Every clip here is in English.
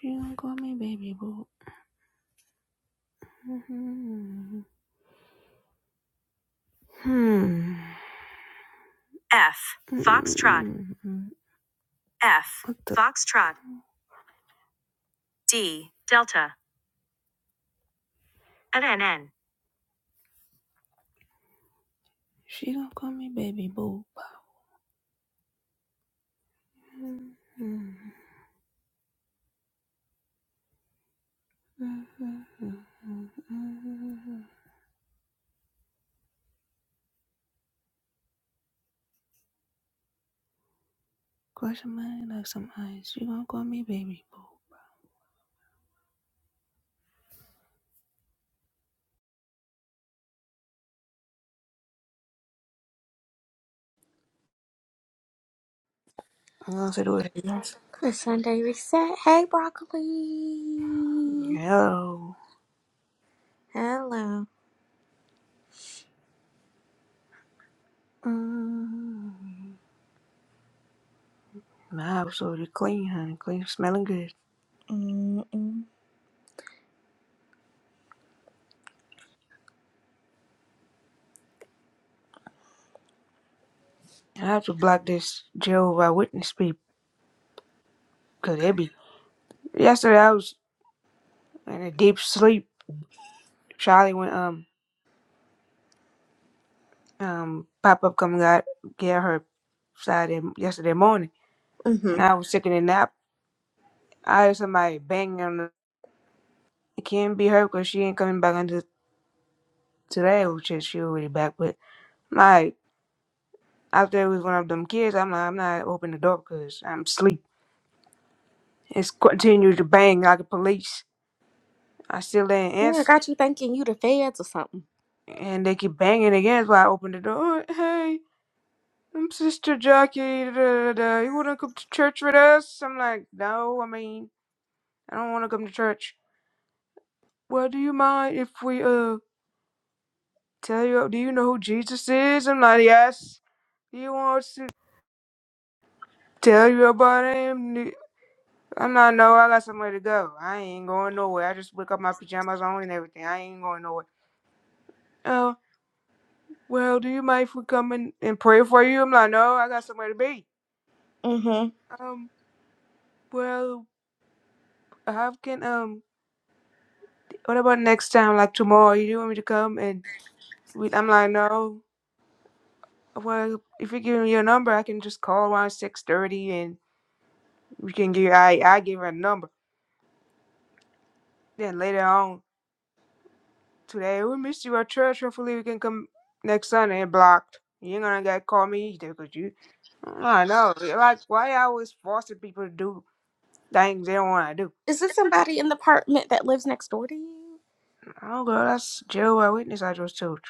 You don't call me baby boo. Mm-hmm. Hmm. F. Foxtrot. F. Foxtrot. D. Delta. N. N. N. She don't call me baby boo. Close your mind like some eyes. She gonna call me baby boo. I'm gonna say the word yes. The Sunday reset. Hey, broccoli. Hello. Hello. Mm. My house already clean, honey. Clean, smelling good. Mm-mm. I have to block this Jehovah Witness people. Could it be yesterday I was in a deep sleep. Charlie went um um pop up come got get her Saturday yesterday morning, Mm-hmm. and I was taking a nap. I heard somebody banging on the. It can't be her because she ain't coming back until today, which is she already back. But like after it was one of them kids, I'm like I'm not opening the door because I'm asleep. It's continued to bang like the police. I still didn't Yeah, I answer, got you thinking you the feds or something. and they keep banging again. So I opened the door. Hey, um, Sister Jackie, da, da, da, da, you wanna come to church with us? I'm like, no, I mean, I don't wanna come to church. Well, do you mind if we, uh, tell you, do you know who Jesus is? I'm like, yes. Do you want us to tell you about him? Do- I'm not, no, I got somewhere to go. I ain't going nowhere. I just wake up my pajamas on and everything. I ain't going nowhere. Oh, well, do you mind if we come in and pray for you? I'm like, no, I got somewhere to be. Mm-hmm. Um, well, how can, um, what about next time, like tomorrow? You want me to come and we, I'm like, no. Well, if you give me your number, I can just call around six thirty, and we can give. I I give her a number. Then later on today, oh, we missed you at church. Hopefully, we can come next Sunday. And blocked. You ain't gonna get call me either, cause you. I know. Like, why I always forcing people to do things they don't want to do? Is this somebody in the apartment that lives next door to you? Oh, girl, that's Jehovah Witness I just told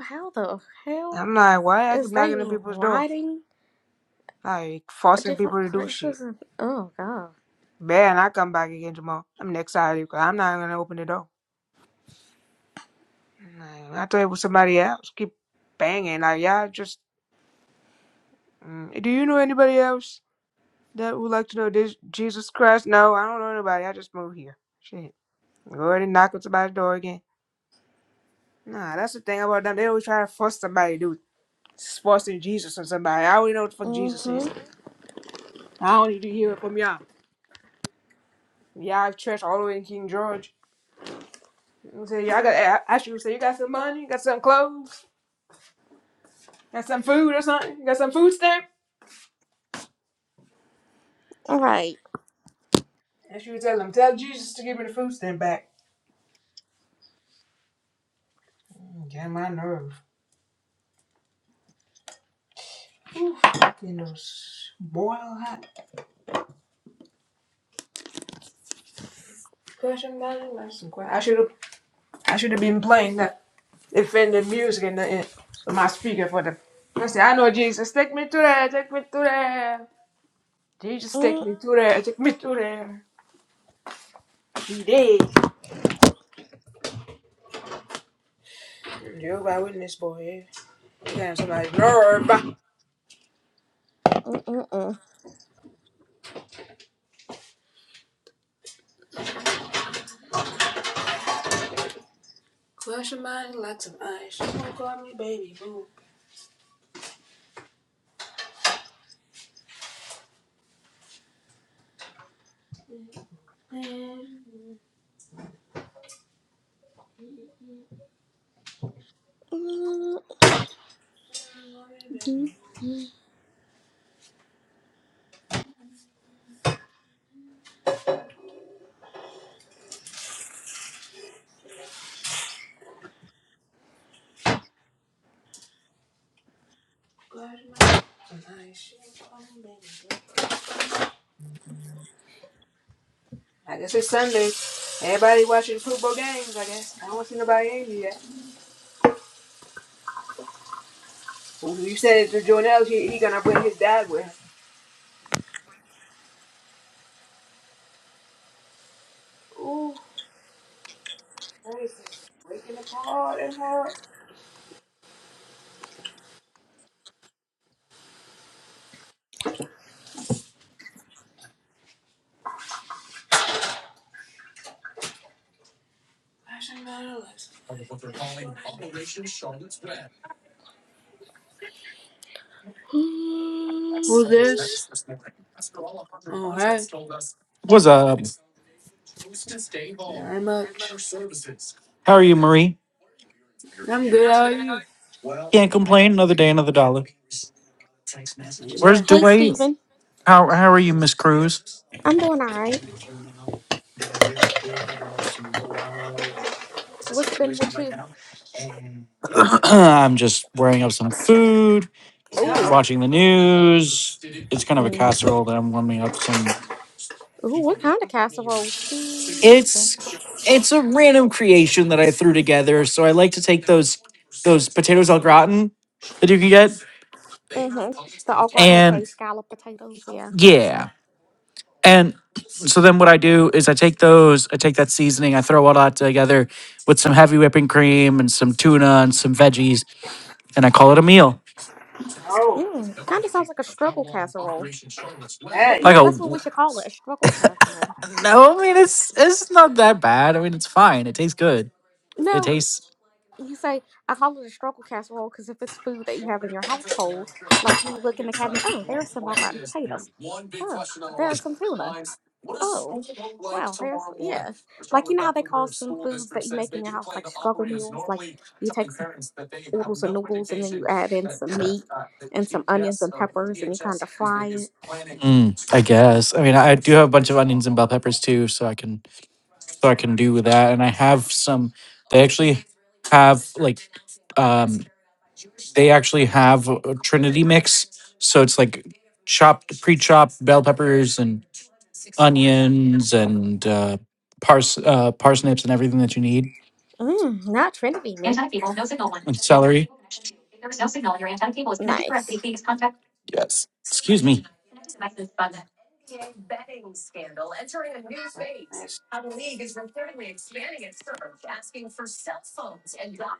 How the you. hell I'm like, why I keep is they knocking on people's door, riding like forcing different people to do shit. places? And, oh god. Man, I come back again tomorrow. I'm next Saturday because I'm not gonna open the door. Nah, I thought it was somebody else. Keep banging. Like, yeah, just. Mm, do you know anybody else that would like to know this Jesus Christ? No, I don't know anybody. I just moved here. Shit. Go ahead and knock on somebody's door again. Nah, that's the thing about them. They always try to force somebody to do it. It's forcing Jesus on somebody. I already know what the fuck Jesus Mm-hmm. is. I don't need to hear it from y'all. Y'all have church all the way in King George. You say, y'all got, I I should say, you got some money? You got some clothes? Got some food or something? You got some food stamp? All right. That's what you tell him. Tell Jesus to give me the food stamp back. Get my nerve. Oof. You know, boil hot. Question about it, like some que- I should have. I should have been playing that offended music and nothing for my speaker for the. I say, I know Jesus, take me to there, take me to there. Jesus, take Mm, me to there, take me to there. He did. Jehovah Witness boy. eh? Damn, somebody's nerve. mm, mm, mm. Crush your mind like some ice. Don't call me baby boo. Man. Mm, mm, I guess it's Sunday. Everybody watching football games, I guess. I don't see nobody in here yet. Well, you said to Jonelle, he, he gonna bring his dad with him. Ooh, crazy. Breaking apart and hard. Passion battles. mm, mm. Who's this? Oh, hey. What's up? Not much. How are you, Marie? I'm good, how are you? Can't complain. Another day, another dollar. Where's Amen. Hey, Dwayne? Steven. How how are you, Miss Cruz? I'm doing all right. What's been with you? I'm just wearing up some food, Oh. Uh-oh. watching the news. It's kind of a Mm. casserole that I'm warming up some. Ooh, what kind of casserole, Steve? It's it's a random creation that I threw together. So I like to take those those potatoes al gratin that you can get. Mm-hmm. The au gratin And case scallop potatoes, yeah. yeah. And so then what I do is I take those, I take that seasoning, I throw all that together with some heavy whipping cream and some tuna and some veggies, and I call it a meal. Oh, Mm. Kind of sounds like a struggle casserole. Well, hey. Like yeah, a that's what we should call it, a struggle casserole. no, I mean it's it's not that bad. I mean it's fine. It tastes good. It No, tastes you say, I call it a struggle casserole because if it's food that you have in your household, like you look in the cabinet, oh, there are some au gratin potatoes. Oh, there are some tuna. Oh, wow, there's, yeah. Like, you know how they call some foods that you make in your house, like struggle meals? Like, you take some oodles of noodles, and then you add in some meat and some onions and peppers, and you kind of fry it. Mm, I guess. I mean, I do have a bunch of onions and bell peppers too, so I can so I can do with that. And I have some. They actually have like um they actually have a a trinity mix so it's like chopped pre-chopped bell peppers and onions and uh, pars- uh parsnips and everything that you need Mmm, not Trinity and meat. celery Nice. excuse me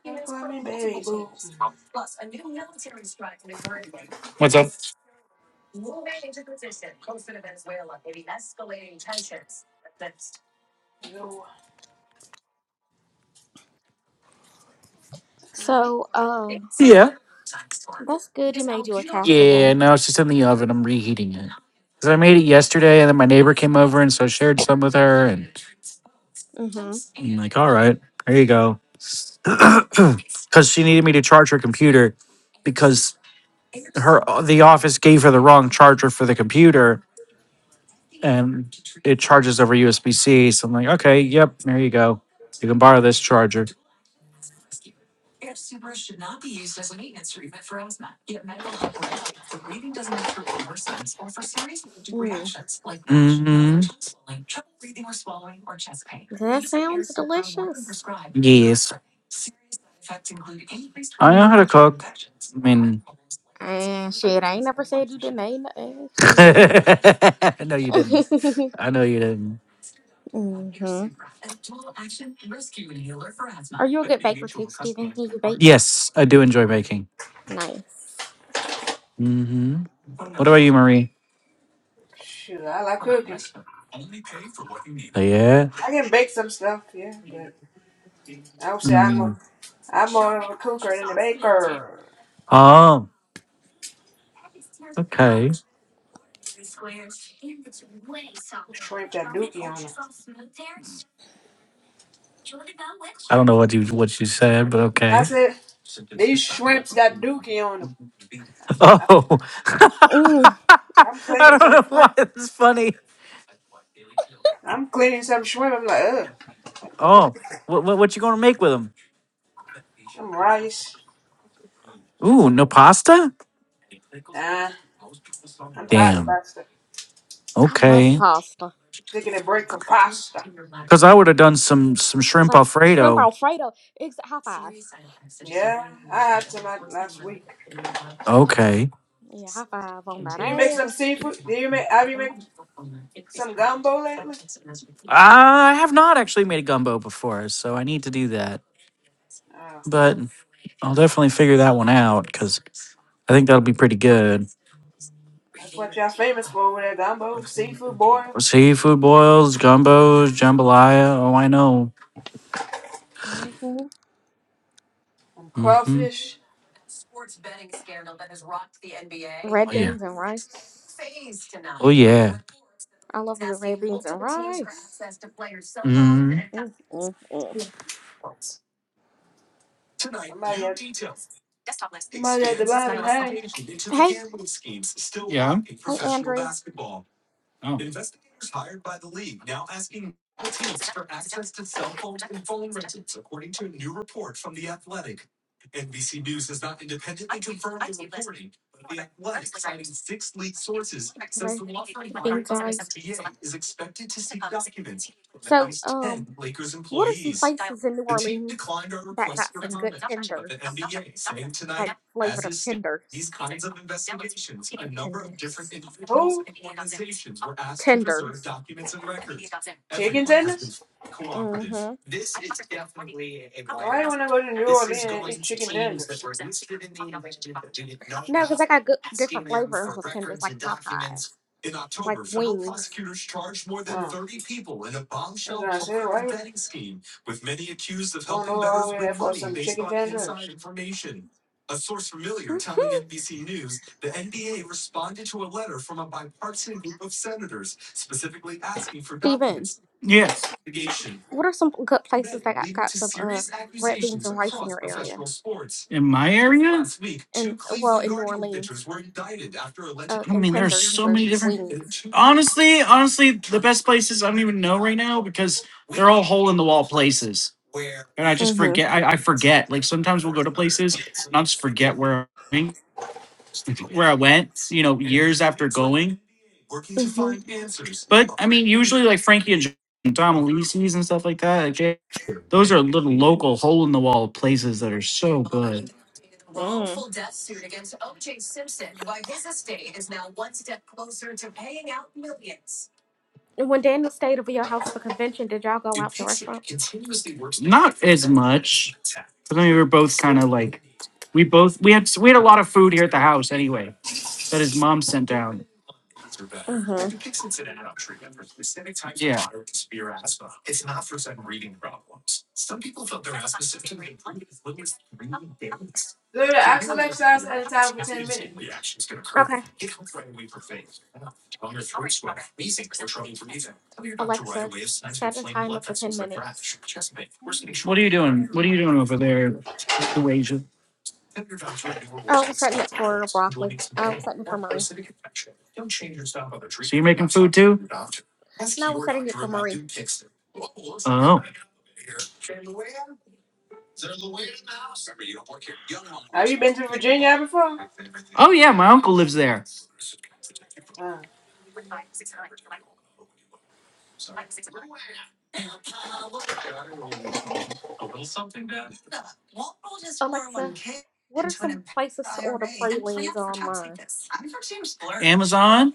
Don't call me baby, boo. what's up No. So, uh, yeah that's good. You made you a Yeah, casserole. no, it's just in the oven. I'm reheating it. Because I made it yesterday and then my neighbor came over and so I shared some with her and Mm-hmm. I'm like, all right, there you go. Because she needed me to charge her computer because her the office gave her the wrong charger for the computer and it charges over USB C. So I'm like, okay, yep, there you go. You can borrow this charger. Mm. hmm That Yes. sounds delicious. I know how Mm. to cook. I mean, And shit, I ain't never said you didn't ain't nothing. Shit. no, you didn't. I know you didn't. mm-hmm. Are you a good baker too, Steven? Can you bake? Yes, I do enjoy baking. Nice. hmm What about you, Marie? Shoot, I like cooking. Yeah. I can bake some stuff, yeah, but I would say I'm a, Mm. I'm more of a cooker than a baker. Oh, okay. Shrimp got dookie on them. I don't know what you what you said, but I okay. said these shrimps got dookie on them. Oh, Mm, I'm cleaning I don't some know why shrimp. it's funny. I'm cleaning some shrimp. I'm like, ugh, what the hell? Oh, what what, what you gonna make with them? Some rice. Ooh, no pasta? Nah, I'm tired of Damn. pasta. I love Okay. pasta. Taking a break from pasta. Because I would have done some some shrimp Like shrimp alfredo. alfredo. Ex- high five. Yeah, I had some la- last week. Okay. Yeah, high five on that Did you make some ass. seafood? Did you make? Have you made some gumbo lately? I have not actually made a gumbo before, so I need to do that. Oh. but I'll definitely figure that one out because I think that'll be pretty good. That's what y'all famous for over there, Dumbo. Seafood boil Seafood boils, gumbos, jambalaya. Oh, I know. hmm and Mm-hmm. crawfish. Red beans and rice. Oh yeah. Oh yeah. I love good red beans and rice. Mhm. mm mm mm. Somebody at somebody at the bottom, hey. Hey, Yeah. hey, Andre. Oh. Red beans and rice. So, um, what are some places in New Orleans that got some good tenders, like flavored of tenders, chicken tenders, Who? tenders? Chicken tenders? Mm-hmm. Why you wanna go to New Orleans and eat chicken tenders? No, because I got good different flavors of tenders, like Popeyes, like wings. Oh. That's what I was gonna say, why you wanna go all the way there for some chicken tenders? hmm Steven. Yes. What are some good places that got, got some uh red beans and rice in your area? Yes. in my area? And well, in New Orleans, uh, I mean, and there's tenders so or many different. wings. Honestly, honestly, the best places I don't even know right now because they're all hole in the wall places, and I just Mhm. forget. I, I forget. Like sometimes we'll go to places, and I'll just forget where I'm, going, where I went. You know, years after going. Mhm. But I mean, usually like Frankie and John, Tom Elise's and stuff like that. Like those are little local hole in the wall places that are so good. Mm. wrongful death suit against O.J. Simpson, why his estate is now one step closer to paying out millions. And When Daniel stayed over your house for convention, did y'all go out to restaurants? Not as much, I mean, we were both kind of like we both we had we had a lot of food here at the house anyway. that his mom sent down. Mhm. Do the axle exercise at a time for ten minutes. Okay. Yeah. Alexa, set a timer for ten minutes. are you doing? What are you doing over there, Dewasia? Oh, we're setting it for broccoli. Oh, we're setting it for Marie. treatments. So you're making food too? No, we're setting it for Marie. Oh. Have you been to Virginia before? Oh yeah, my uncle lives there. Oh. Alexa, Mm. what are some places to Ira order and pralines planned for times like online? this. I'm Amazon?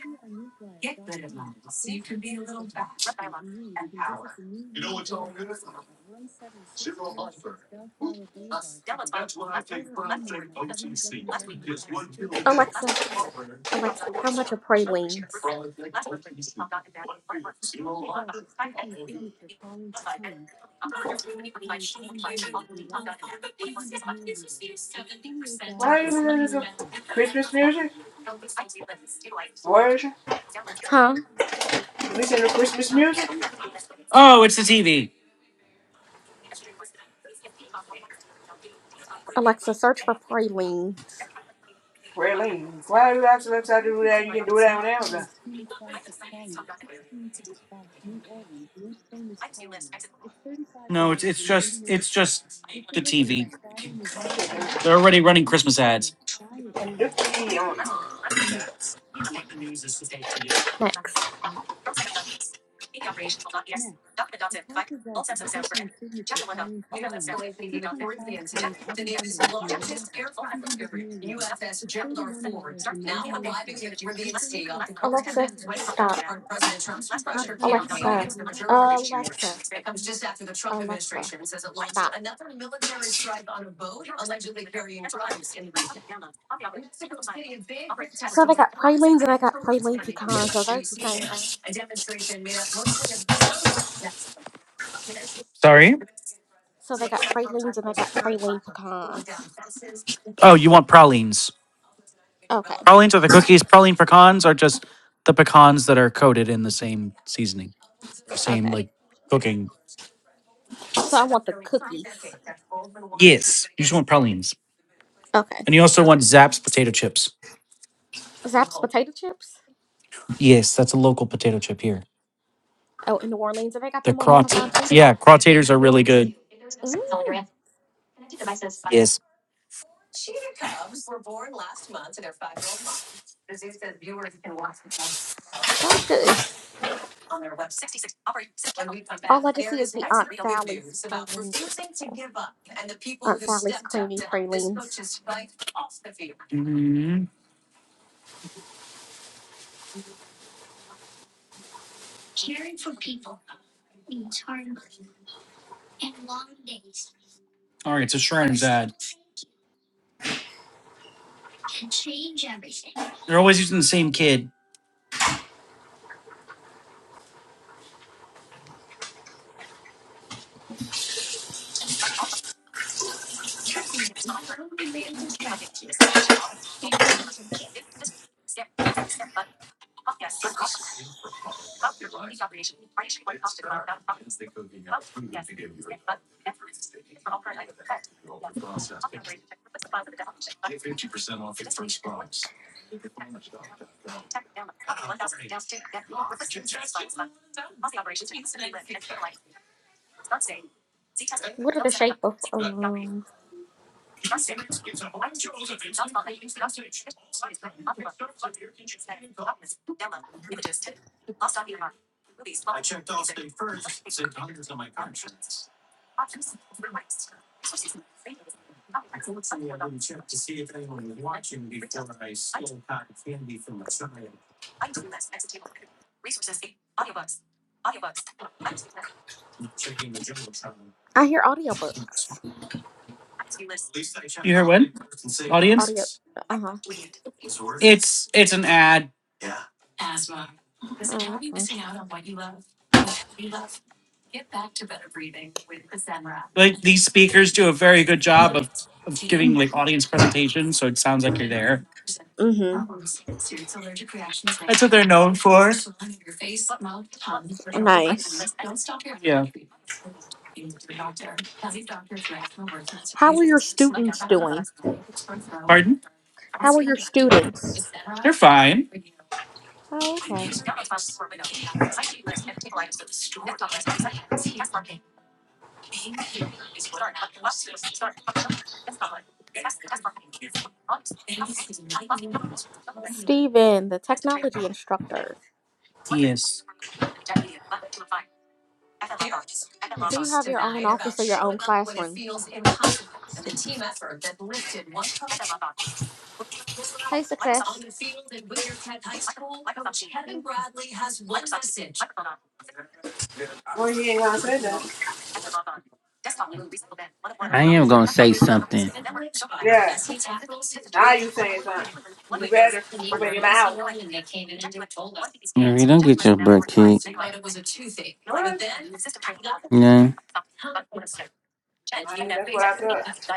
Alexa, Alexa, how much are pralines? Why are you listening to Christmas music? Where is you? Huh? Listen to Christmas music? Oh, it's the TV. Alexa, search for pralines. Where Lane? Why are you axle exercise do that? You can do that on Amazon. No, it's it's just it's just the TV. Chicken They're already running Christmas ads. Next. Attach a rug with Clifton's signature falling for times. two point five pounds item bundle with Mirazo, two hundred milliliters. It's thirty-one dollars and ninety-nine cents. Alexa, stop. Alexa, No, Alexa, Alexa, stop. So they got pralines and I got praline pecans. Are those the same thing? Sorry? So they got pralines and I got praline pecans. Oh, you want pralines. Okay, Pralines are the cookies. Praline pecans are just the pecans that are coated in the same seasoning or same okay. like cooking. So I want the cookies. Yes, you just want pralines, Okay. and you also want Zapp's potato chips. Zapp's potato chips. Yes, that's a local potato chip here. Oh, in New Orleans, and they got The them on crot, Amazon too. yeah, crottators are really good. Mmm, Yes. sounds good. All I just see is the Aunt Sally's pralines or something. Aunt Sally's creamy pralines. Mhm. All right, so Shriner's ad. They're always using the same kid. What are the shape of? Um, I hear audiobooks. You hear what? Audio. Audience? Uh huh. It's it's an ad Uh, okay. like these speakers do a very good job of of giving like audience presentations, so it sounds like you're there. Mm-hmm. That's what they're known for. Nice. Yeah. How are your students doing? Pardon? How are your students? They're fine. Oh, okay. Steven, the technology instructor. Yes. Do you have your own office or your own classroom? Ste- Hey, success. you ain't gonna say that. I am gonna say something. Yeah. Now you saying something. You better open your mouth. Marie, don't get your butt kicked. What? No. I ain't, that's what I thought.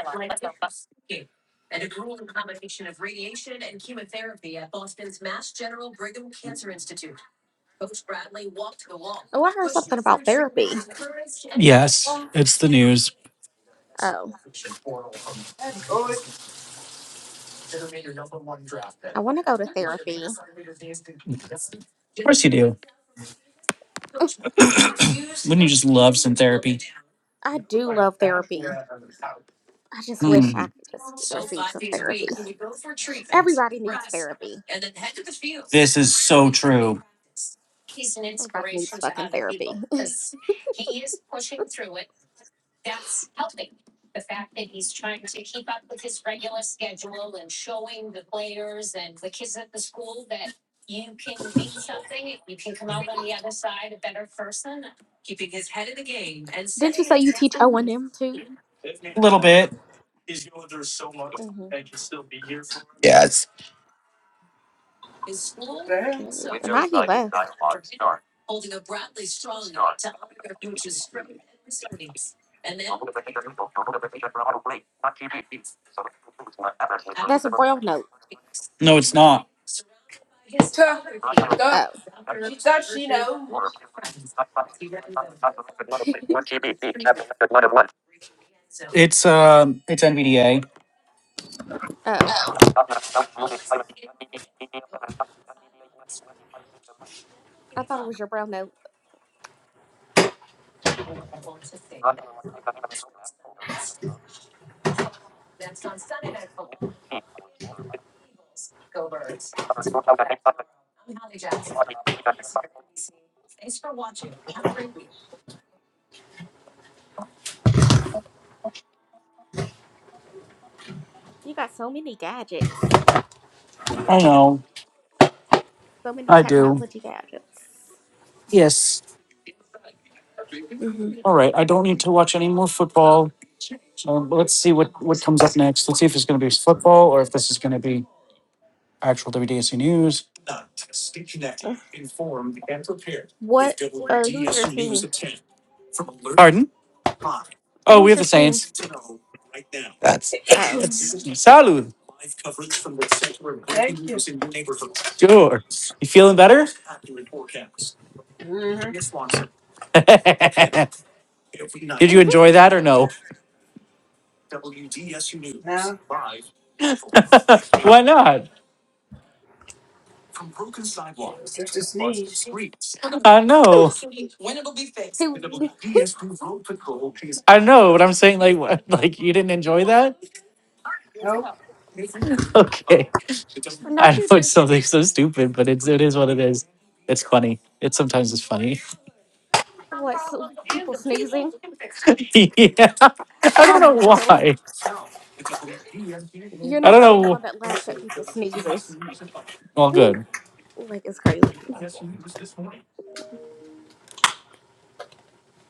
Oh, I heard something about therapy. Yes, Oh, it's the news. Oh, that's always I want to go to therapy. Of course you do. Wouldn't you just love some therapy? I do love therapy. I just wish I Hmm. could just receive some therapy. Everybody needs therapy. This is so true. Everybody needs fucking therapy. Didn't you say you teach O and M too? A little bit. what the hell. Mm-hmm. Now he left. That's a brown note. No, it's not. she thought Oh, she thought she knows. It's um, it's NVDA. oh. I thought it was your brown note. You got so many gadgets. I know. So many I do. technology gadgets. Yes. hmm All right. I don't need to watch any more football. Um, let's see what what comes up next. Let's see if it's going to be football or if this is going to be actual WDSC news. What? Uh, who's your team? Pardon? Oh, we Who's have the your team? Saints. That's Oh. that's salud. Thank you. Sure. You feeling better? Mm-hmm. Did hmm you enjoy that or no? Now Why not? just a sneeze. I know. Who? I know, but I'm saying like, what, like you didn't enjoy that? Nope. Okay, I Not you. know it's dude. something so stupid, but it's it is what it is. It's funny. It sometimes is funny. What, so people sneezing? yeah, I I don't know know. why. You're I not don't the only know. one that laughs at people sneezes. Well, Ooh, good. Like, it's crazy.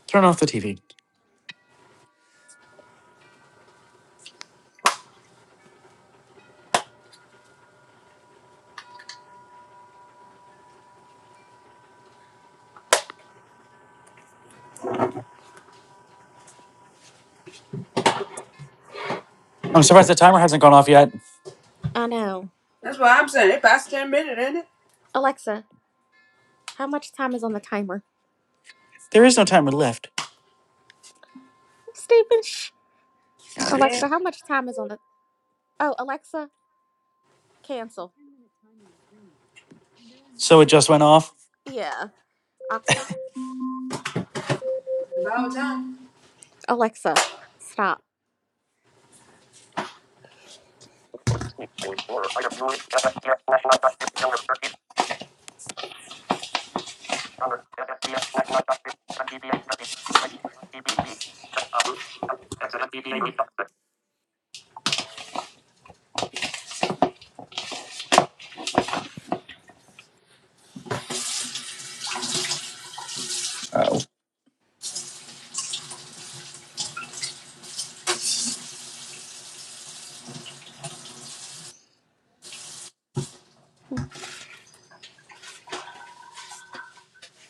Turn off the TV. I'm surprised the timer hasn't gone off yet. I know. That's what I'm saying. It past ten minutes, ain't it? Alexa, how much time is on the timer? There is no timer left, Stephen, shh. Yeah. Alexa, how much time is on the... Oh, Alexa, cancel. so it just went off. Yeah. I- About time. Alexa, stop.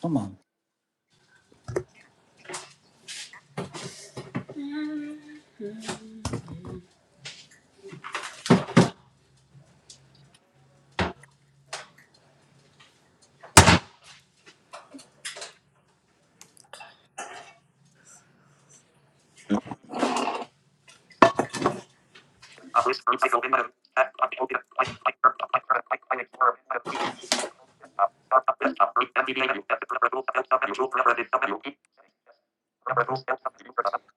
Come on.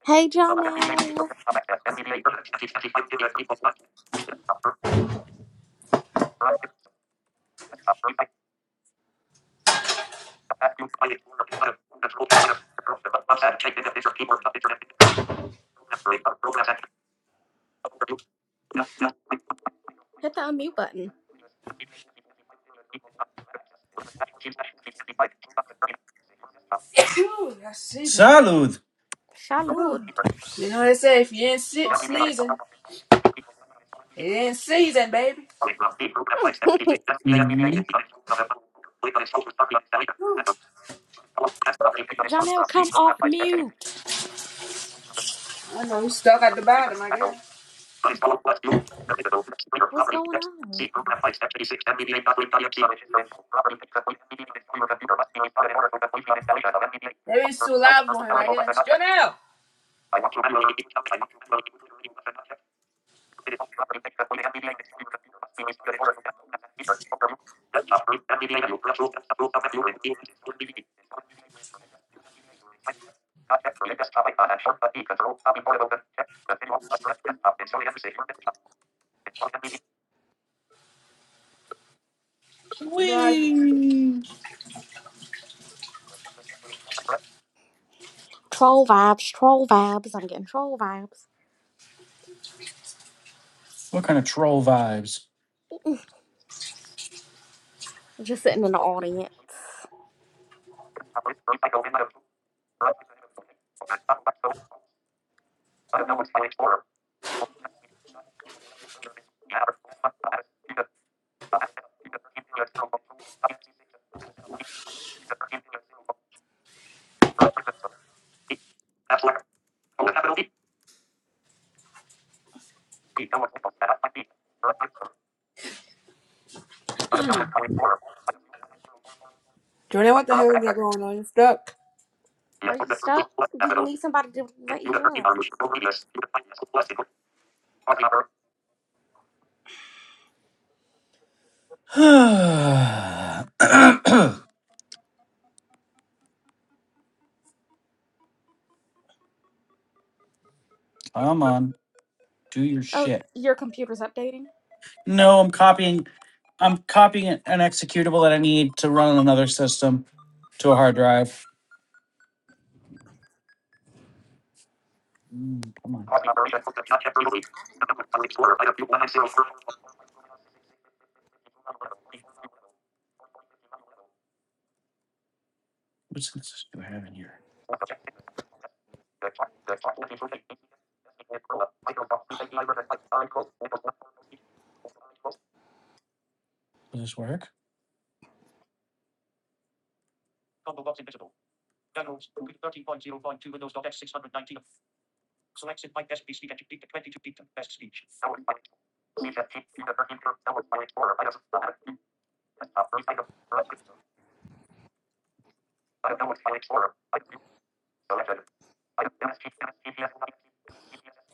Hey, Janelle. Hit the unmute button. Ooh, that's season. Ooh. Shalud. You know what they say if you ain't se- sneezing, it ain't season, baby. Whew. Janelle, come off mute. I know he's stuck at the bottom, I guess. What's going on? Maybe it's too loud for him, I guess. Jonelle! You know I Troll vibes, troll vibes. I'm getting troll vibes. What kind of troll vibes? I'm Just sitting in the audience. Jonelle, what the hell is that going on? You're stuck. Are you stuck? Do you need somebody to let you up? Come on. Do your Oh, shit. your computer's updating. No, I'm copying. I'm copying an an executable that I need to run on another system to a hard drive. Mm, Come on, what's this do I have in here? Does this work?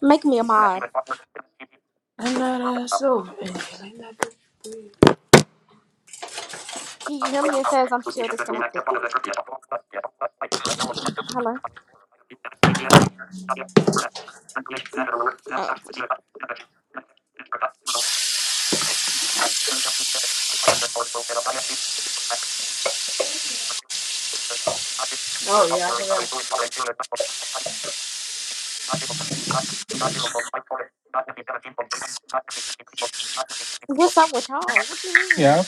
Make me a mod. I'm not uh so Can you hear me? It says I'm still disconnected. Hello. Oh, okay. Oh yeah, I forgot. What's up with y'all? What you mean? Yeah.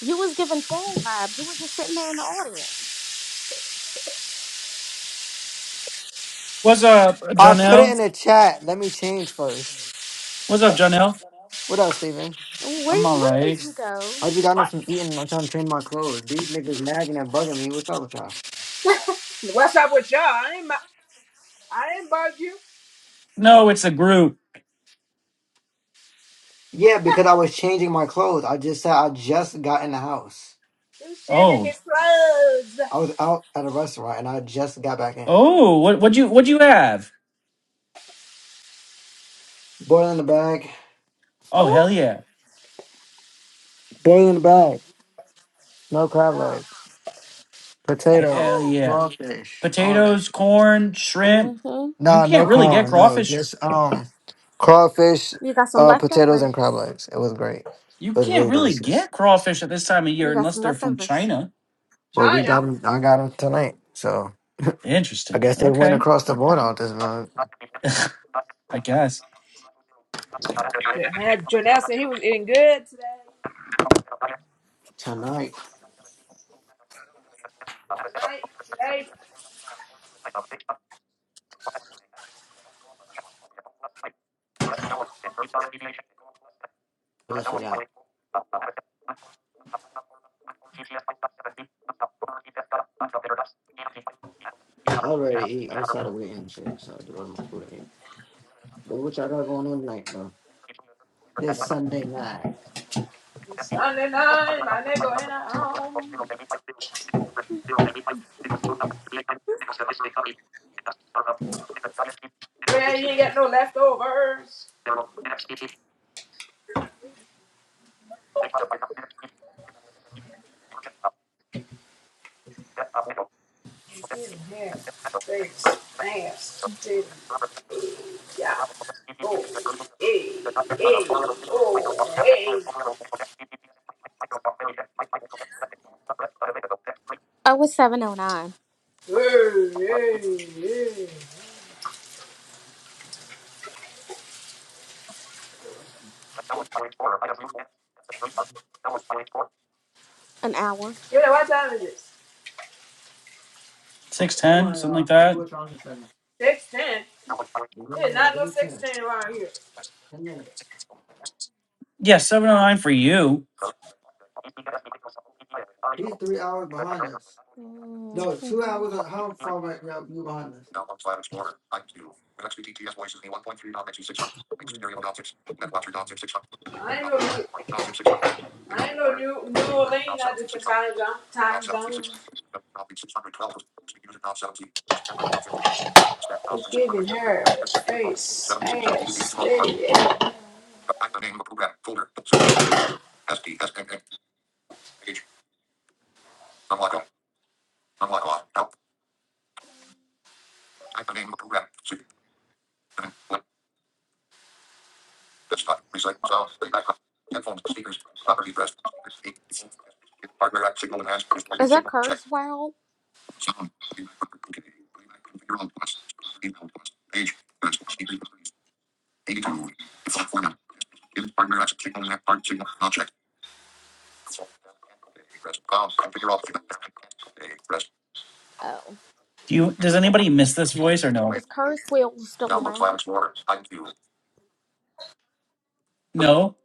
You was giving troll vibes. You was just sitting there in the audience. What's up, I put it in Jonelle? the chat. Let me change first. What's up, Jonelle? What up, Steven? Where I'm all Where did right. you go? I just got up What? from eating and I'm trying to change my clothes. These niggas nagging and bugging me. What's up with y'all? What's up with y'all? I ain't ma- I didn't bug you. No, it's a group. Yeah, because I was changing my clothes. I just said I just got in the house. He was changing Oh, his clothes. I was out at a restaurant and I just got back in. Mm. oh, what what you what you have? Boil in the bag. Oh, Who? hell yeah, Boil in the bag. No crab Oh. leg. Potato. hell Oh. yeah. Crawfish. All that Potatoes, shit. corn, shrimp. Mm-hmm. You Nah, can't no really get Oh. corn. No, crawfish. just um crawfish, You got some uh potatoes and leftovers. crab legs. It was great. You It was can't really really delicious. get crawfish at this time of You year got unless some they're from leftovers. China. Well, we got China. them. I got them tonight. So I Interesting. guess they went Okay. across the border on this one I guess Yeah, man, Jonelle said he was eating good today. tonight. Tonight, today, I just forgot. I already eat outside of waiting and shit, so I do all my food and eat. But what y'all got going on tonight though? This Sunday night. it's Sunday night, my nigga in a home. Well, you ain't got no leftovers. Give hair, face, ass, titty, yeah. Oh, hey, hey, oh, hey, Oh, it's seven oh nine. hey, hey, hey. An hour. Yeah, what time is it? six Hold ten, on, something y'all. like I blew that. it on this Sunday. Six ten. Give me a There's minute. not Give no me six ten. ten around here. Ten minutes. Yeah, seven oh Uh, nine for you. He's three hours behind us. No, two Mm-hmm. hours. How far back are you behind us? I ain't no, new, I ain't no new, New Orleans, not different time zone. Time zone. It's giving hair, face, ass, titty, yeah. Is that Kurzweil? Oh, Do you? Does anybody miss this voice or no? is Kurzweil still around? No.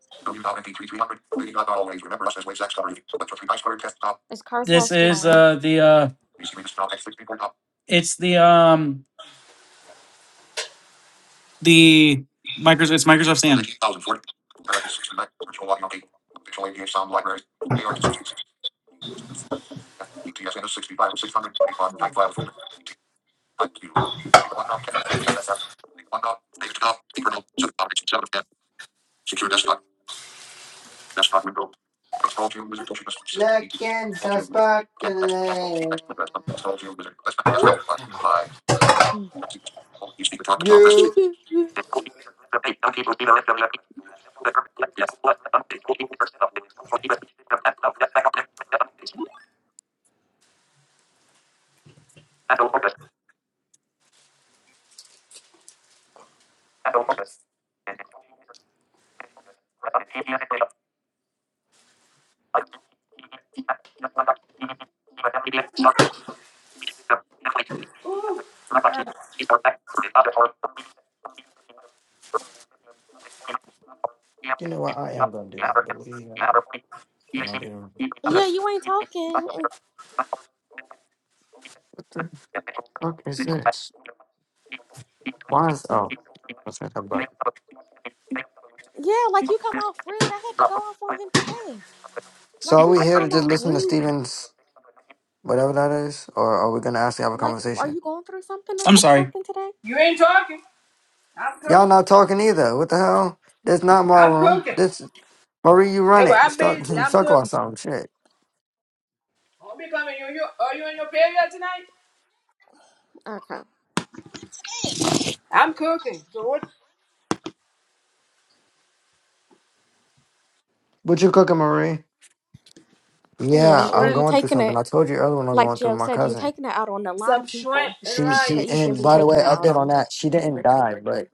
Is Kurzweil This still is around? uh the uh it's the um the Microsoft it's Microsoft Sam. Looking so sparkly. You. Ooh, You know what? I am gonna do that, but we when I do. Yeah, you ain't talking. What the fuck is this? Why is oh? Let's not talk about it. Yeah, like you come off rude. I had to go off on him today. So Like are you we just here to come just off listen to rude. Stevens, whatever that is, or are we gonna actually have a Like, are conversation? you going through something or I'm ta- sorry. something today? you ain't talking. I'm cooking. Y'all not talking either. What the hell? That's not my I'm room. cooking. This Marie, you run Nigga, it. I'm Start busy. I'm talk about cooking. something. Shit. I'll be coming. You, you, are you in your period tonight? Okay. I'm cooking. So what? What you cooking, Marie? Some Yeah, Yeah, where I'm shrimp, you're going through taking something. it, I told you earlier when I'm like going through Joe my said, you're cousin. taking it out on a lot some of shrimp people and She she that you rice. shouldn't and be by the way, taking it out update on on. that. She didn't die, but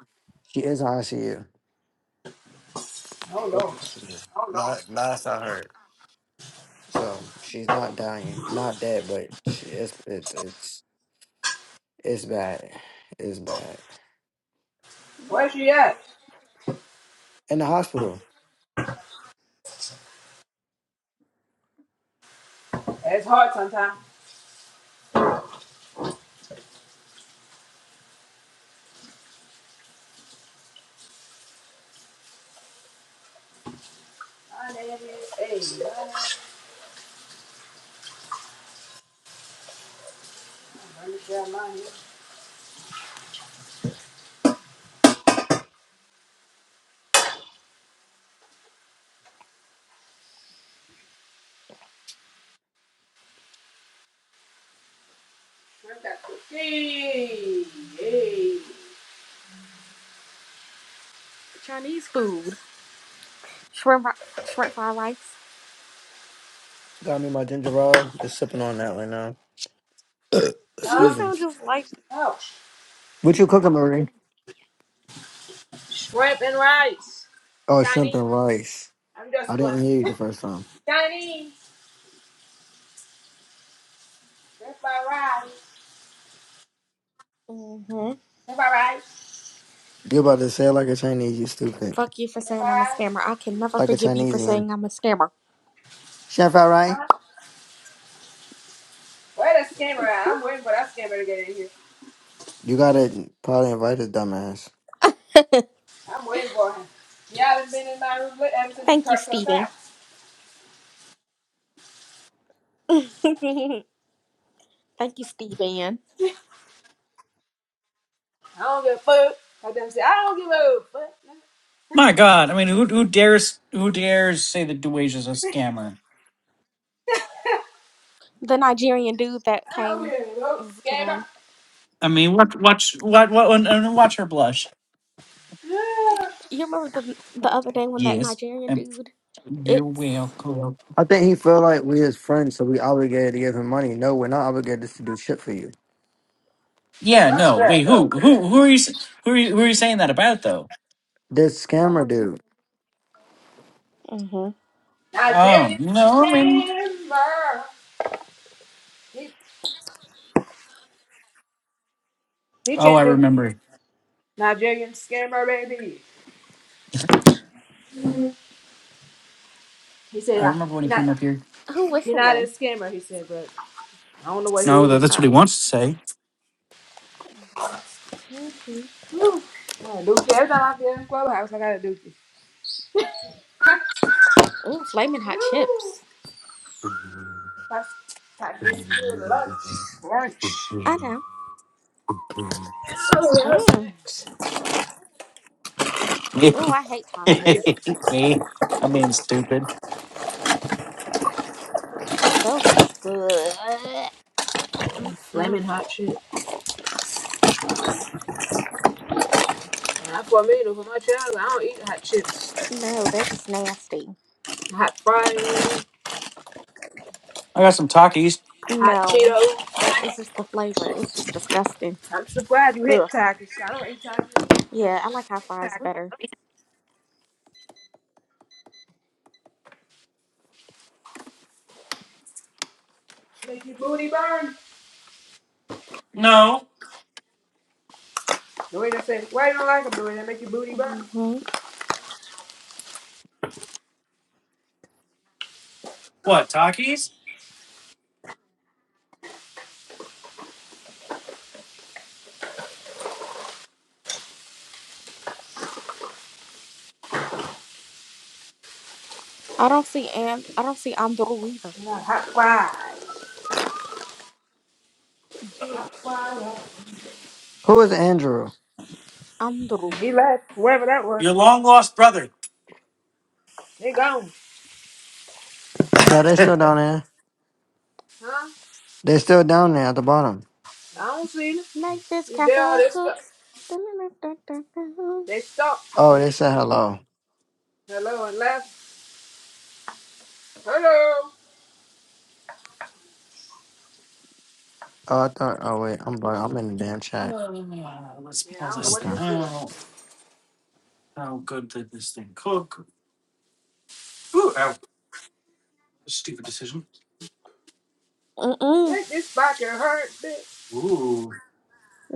she is on ICU. Oh no. Last, last I heard. So she's not dying, not dead, but she is. it, it's it's bad, it's bad. Where's she at? In the hospital, It's hard sometimes. My name is Hey. Let me grab mine here. Shrimp got cookie. Hey. Chinese food, shrimp, ri- shrimp fried rice. got me my ginger ale. Just sipping on that right now. You Excuse Huh? me. sound just like. Oh. What you cooking, Marie? Shrimp and rice. Oh, shrimp and Chinese. rice. I'm just I playing. didn't hear you the first time. Chinese. Shrimp and rice. hmm Shrimp and rice. You about to say it like a Chinese? You stupid. Fuck you for Shrimp and saying I'm a rice. scammer. I can never Like a forgive you for Chinesian. saying I'm a scammer. Chef, all right? Huh? Where the scammer at? I'm waiting for that scammer to get in here. You gotta probably invite a dumbass. I'm waiting for him. Y'all not been in my room with ever since he Thank you, cursed us out. Stevie. Thank you, Steve Ann. I don't give a fuck. I them say I don't give a fuck. My God, I mean, who who dares who dares say that Dewage is a scammer? The Nigerian dude that I don't came give a uh, fuck. to the Scammer. room. I mean, watch watch what what and and watch her blush. Yeah. You remember the the other day when that Yes, Nigerian and dude? you're It's welcome. I think he felt like we his friends, so we obligated to give him money. No, we're not obligated to do shit for you. Yeah, Rubber. no, wait, who who who are you s- who are you, who are you saying that about though? This scammer dude. hmm Oh Nigerian no, I mean, scammer. He, he oh, I changed his remember. Nigerian scammer, baby. He said, I "I- remember when he he came not, up here. who he not a whistling? scammer, he said, but I don't know what he No, tha- is. that's what he Oh, wants to say. mm Whew. Yeah, Dookie, every time I feel in the clubhouse, I got a dookie. ooh, flaming hot Woo. chips. That's, that's this good lunch. Lunch. I know. Oh, yeah, Mm. snacks. Me, Ooh, I hate I get talkies. me, I'm being stupid. Ooh, those are just good. Mm-mm. flaming hot shit. And that's for me, mean over my child. I don't eat hot chips, No, they're just nasty. hot fries, I got some Takis. hot No, Cheetos. it's just the flavor. It's just disgusting. I'm so glad you hit Ugh. tacos. I don't eat tacos. Yeah, I like hot fries better. Make your booty burn. The way they say, why you don't like them? The way they make your booty burn. hmm I don't see and I don't see Andrew either. And that hot fries. Hot fries. hot- Who is Andrew? Andrew. He left, wherever that was. You're like, They gone. No, they still down there. Huh? They still down there at the bottom. I don't see them. Make this If they are, casserole they stuck. cook. They Mm-mm. stuck. Oh, they said hello. Hello and left. Hello. Oh, I thought. Oh wait, I'm bu- I'm in the damn chat. "Uh, let's Yeah, I pull don't know this what thing Okay. this is. out. How good did this thing cook? Make this back hurt, bitch. Ooh,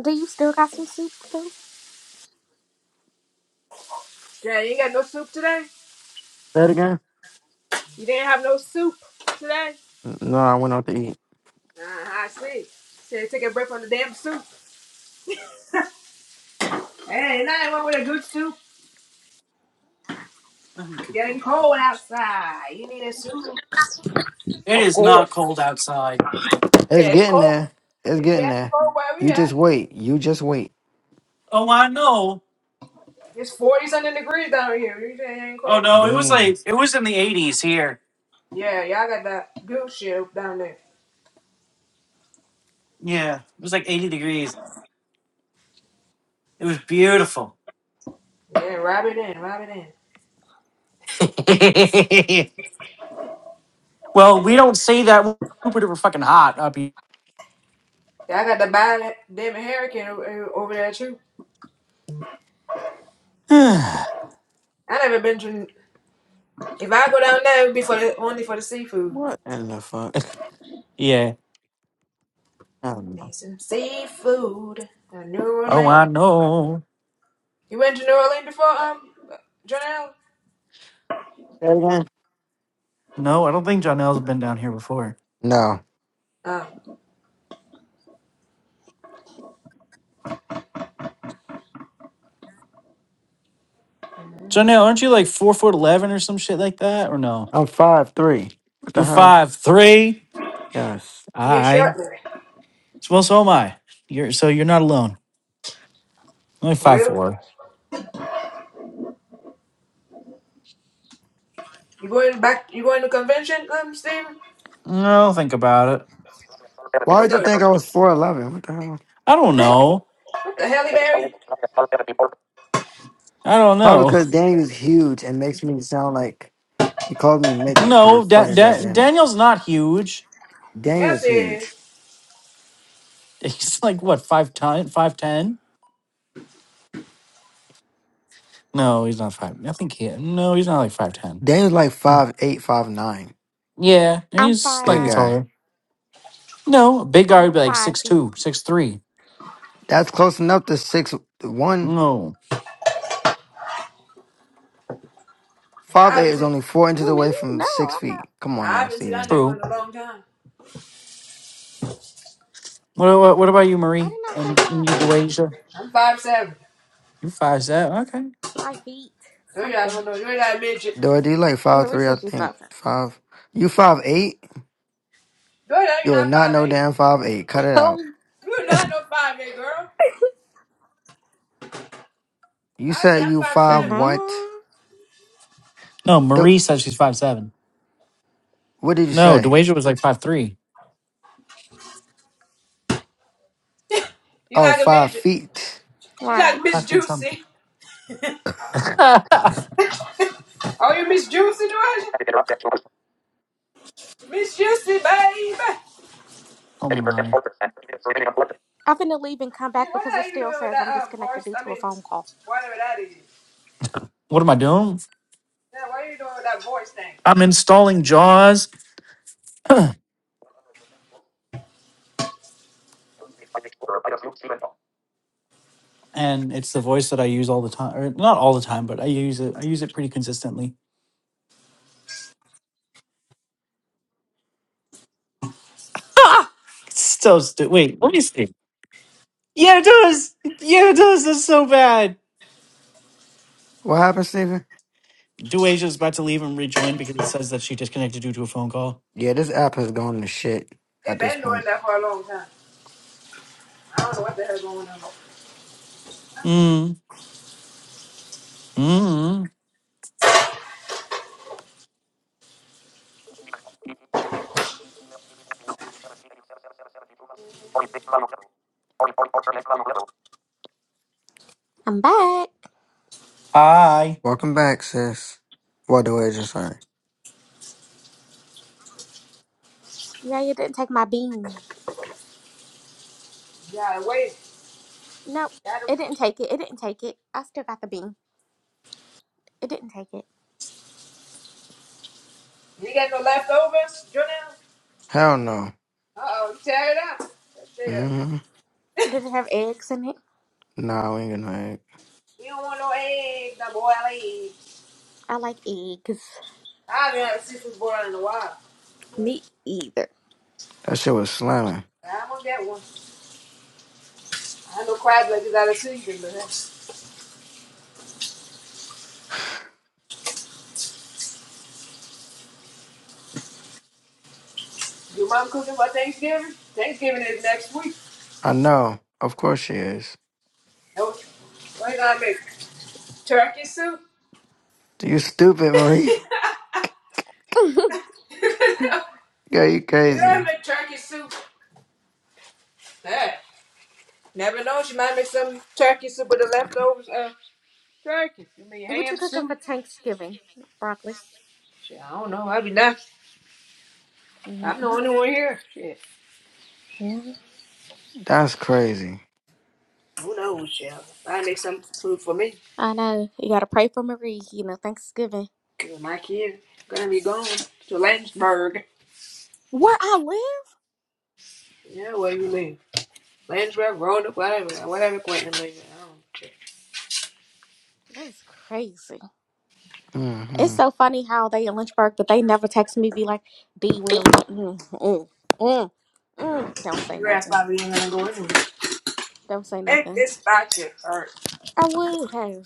Do you still got some soup to do? Yeah, you ain't got no soup today? Say it again. You didn't have no soup today? N- No, I went out to eat. Uh, I see. Said take a break from the damn soup. Hey, ain't nothing wrong with a good soup. Getting cold outside. You need a soup. it Of is not course. cold outside. It's Yeah, it's getting cold. there. It's It's getting getting there. cold where we You just at. wait. You just wait. Oh, I know. It's 40 something degrees down here. You say it ain't Oh cold. no, it was Dang. like it was in the 80s here. Yeah, y'all got that good shit down there. Yeah, it was like 80 degrees. It was beautiful. Yeah, wrap it in, wrap it in. well, we don't say that. We're fucking hot up here. Y'all got the bad damn hurricane o- o- over there too. yeah. I never been to. If I go down there, it would be for the, only for the seafood. What in the fuck? I don't know. Need some seafood. Uh, New Oh, I Orleans. know. You went to New Orleans before, um, Janelle? Say it again. No, I don't think Jonelle's been down here before. No, Um, Jonelle, aren't you like four foot eleven or some shit like that? Or no? I'm five three. What the You're hell? five three. Yes. yeah, I. shortly. Well, so am I. You're so you're not alone. I'm like five Well, four. you going back? You going to convention, um, Steven? No, think about it. Why You would you know think I was 4'11? What the hell? I don't know. what the Halle Berry? I don't Probably know. because Daniel's huge and makes me sound like he called me midget because No, he's da- fucking da- gigantic. Daniel's not huge. Yes, Daniel's huge. yes. He's like what five ten? Five ten? No, he's not five. I think he. No, he's not like five ten. Daniel's like Oh. five eight, five nine, Yeah, I'm he's Big slightly guy. taller. five. No, a big guy Yeah, would I'm be like five six feet. two, six three. That's close enough to 6 1. No, Yeah, I 5'8 haven't is seen, only 4 inches Who me? away from No, 6 I'm not. feet. Come I on now, haven't seen that Steven. nigga in true. a long time. What, what, what about you, I Marie? did not say And, and five you, eight. Dewasia? I'm five seven. You five seven? Okay. Five feet Oh yeah, I something. don't know. You're not a midget. Dorothy, you like I'm gonna five three? I research think. 5. You five eight? No, you're not you're You are not not five no eight. damn five eight. Cut it Oh out. You're not no five eight girl. You I say said I'm you five 5 seven. what? no. No, The, Marie said she's five seven. what did you No, say? Dewasia was like five three, You Oh, like a five midget. feet. She's Right. like Miss five feet something. Juicy. oh Oh, you Miss Juicy, do I? Miss Juicy, baby. my! I'm finna leave and come Dude, back what because it are you still doing with says I'm that um, disconnected voice? due I to a mean, phone call. whatever that is. What am I doing? Yeah, what are you doing with that voice thing? I'm installing Jaws, and it's the voice that I use all the time, or not all the time, but I use it. I use it pretty consistently. Ah! It's so stupid. Wait, let me see. Yeah, it does. Yeah, it does. That's so bad. What happened, Steven? Duasia is about to leave and rejoin because it says that she disconnected due to a phone call. Yeah, this app has gone to shit They've at this been doing point. that for a long time. I don't know what the hell's going on. Mm. Mm. I'm back. Hi. Welcome back, sis. What the way just sorry. Yeah, you didn't take my bean. Yeah, wait. No, You, Gotta, It didn't take it. It didn't take it. I still got the bean. It didn't take it. you got no leftovers, Jonelle? Hell no. Uh oh, you tear it up. That's it. Mm-hmm. Did it have eggs in it? Nah, we ain't gonna egg. You don't want no eggs, no boiled eggs. I like eggs. I haven't had a seafood boil in a while. But Me either. That shit was slamming. I'm gonna get one. I know crab legs is out of season, but that's- your mom cooking for Thanksgiving? Thanksgiving is next week. I know. Of course she is. Nope. what are you gonna make? Turkey soup. You stupid, Marie. what you Yeah, you crazy. don't make turkey soup. Hey, never know. She might make some turkey soup with the leftovers of turkey. You mean you ham cooking soup? for Thanksgiving? Broccoli. Shit, I don't know. I'd be nice. I'm the only one here. Shit. Mm-hmm. That's crazy. Who knows, shit. I make some food for me. I know. You gotta pray for Marie, you know, Thanksgiving. Cause my kids gonna be going to Landsberg. Where I live? Yeah, where you live. Landsberg, Roanoke, whatever, whatever Quentin lives. I don't That's crazy. It's Mm-hmm. so funny how they in Lynchburg, but they never text me, be like, D, will, mm, mm, mm, mm. Don't care. say Your ass nothing. probably ain't gonna go anywhere. Don't say Make nothing. this pocket hurt. I would have.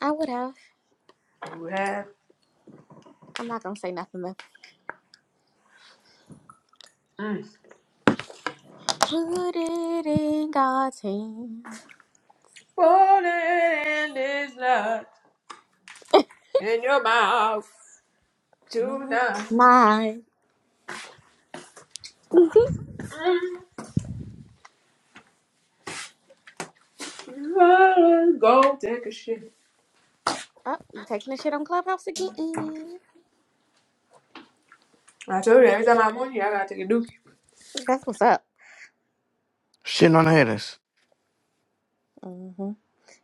I would have. You have. I'm not gonna say nothing though. Mm. Put it in God's hand. Falling is not in your mouth tonight. My Mm-hmm. Mm, Go take a shit. oh, you taking a shit on Clubhouse again? I told you every time I'm on here, I gotta take a dookie. That's what's up. Shitting on haters. hmm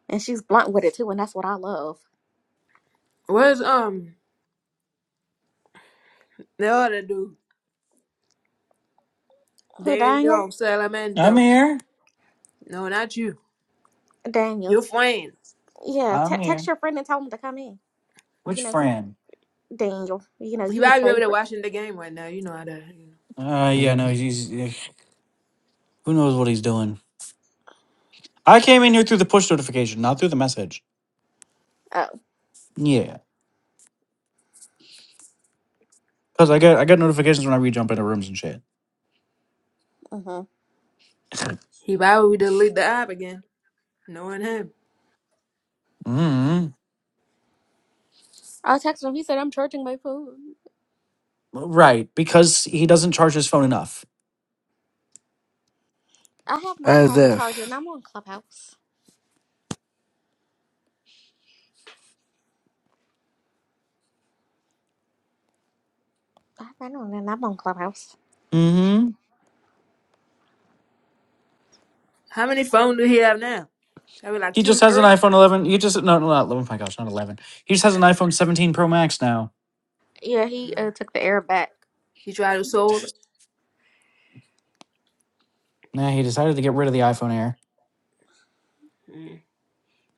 And she's blunt with it too, and that's what I love. Where's um the other dude? Who, Daniel? Daniel I'm Salamento. here. No, not you. Daniel. Your friend. Yeah, te- I'm here. text your friend and tell him to come in. You Which know, he, friend? Daniel. You know, He you his probably over there favorite. watching the game right now. You know how that. You know. Uh, yeah, no, Mm-hmm. he's, he's eh, who knows what he's doing. I came in here through the push notification, not through the message. Oh, Yeah, because I get I get notifications when I re-jump into rooms and shit. hmm He probably would delete the app again. Knowing him. Mm. I texted him. He said, I'm charging my phone. Right, because he doesn't charge his phone enough. I have mine As on the charger, and if. I'm on Clubhouse. I have mine on, and I'm on Clubhouse. Mm-hmm. How many phones do he have now? Probably like He just two, has an three. iPhone 11. He just no, no, not 11. Oh my gosh, not 11. He just has an iPhone 17 Pro Max now. Yeah, he Uh, uh, took the air back. he tried to sold it. Nah, he decided to get rid of the iPhone Air. Mm,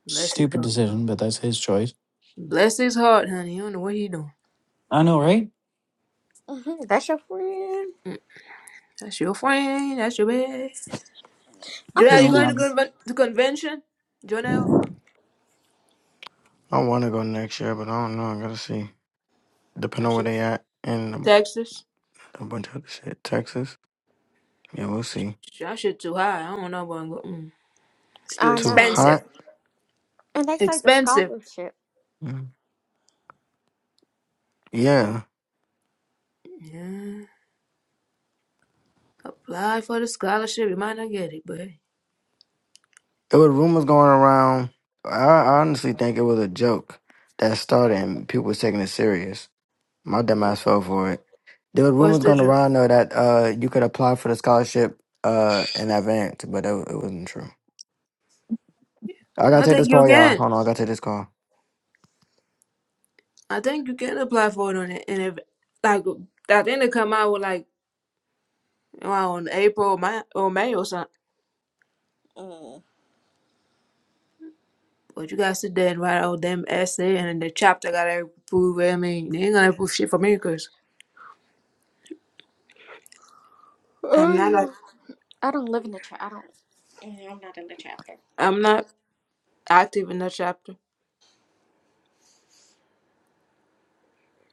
bless his Stupid heart. decision, but that's his choice. Bless his heart, honey. You don't know what he doing. I know, right? hmm That's your friend. That's your friend. That's your man. I'm Jonelle, just you No, going not. to curious. conven- the convention? Jonelle? I want to go next year, but I don't know. I gotta see. Depending That on where shit. they at and a, Texas? a bunch of other shit. Texas. Yeah, we'll see. That shit too high. I don't know but I'm go- mm, It's too I Too know. hot. expensive. And they say the Expensive. scholarship. Yeah, Yeah. Apply for the scholarship. You might not get it, but hey. there were rumors going around. I, I honestly think it was a joke that started and people was taking it serious. My dumbass fell for it. There were What's rumors the going truth? around though that uh you could apply for the scholarship uh in advance, but it, it wasn't true. I gotta I take this think you call, y'all. can. Hold on, I gotta take this call. I think you can apply for it on it. And if, like, I think they come out with, like, on April or May or May or something. But you gotta sit there and write all them essay and then the chapter gotta approve. it. I mean, they ain't gonna approve shit for me cause. I'm not. act- I don't live in the church. I don't. mm, I'm not in the chapter. I'm not active in that chapter.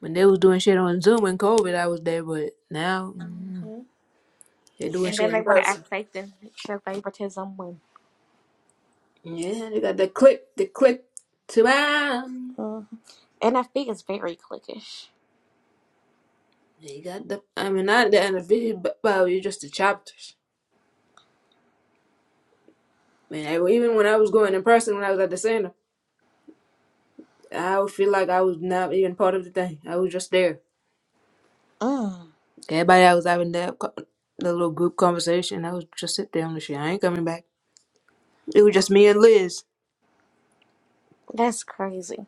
When they was doing shit on Zoom in COVID, I was there, but now mm, hmm they doing And then shit they in want to act person. like they show favoritism when Yeah, they got the click, the click to man. Mhm. NFB is very cliquish. They got the. I mean, not the individual, but but it's just the chapters. Man, I, even when I was going in person, when I was at the center, I would feel like I was not even part of the thing. I was just there. Mm, Everybody I was having that co- the little group conversation, I was just sit there on the shit. I ain't coming back. It was just me and Liz. That's crazy.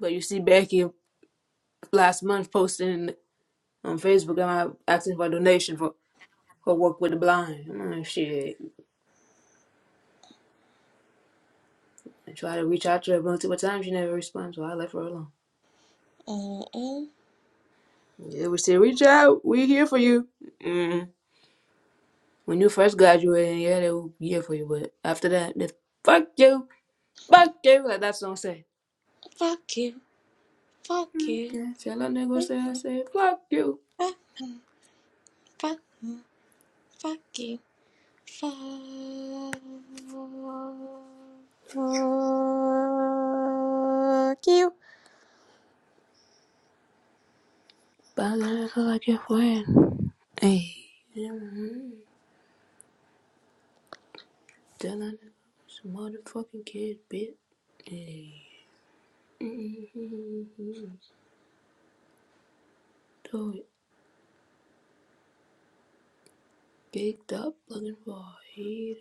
But you see Becky last month posting on Facebook and I asking for a donation for her work with the blind. I'm like, shit. I tried to reach out to her multiple times. She never responds, so I left her alone. Mm-mm. Yeah, we said, reach out. We're here for you. mm When you first graduated, yeah, they were here for you. But after that, they, fuck you. Fuck you. Like that song said. Fuck you. Fuck you. Okay. Tell a nigga say I said, fuck you. Fuck, fuck, fuck you. Fuck. you. Mm-hmm. But then I like your friend. Hey. Mm-hmm. Tell a nigga, it's a motherfucking kid, bitch. Hey. So it gigged up looking for a heat,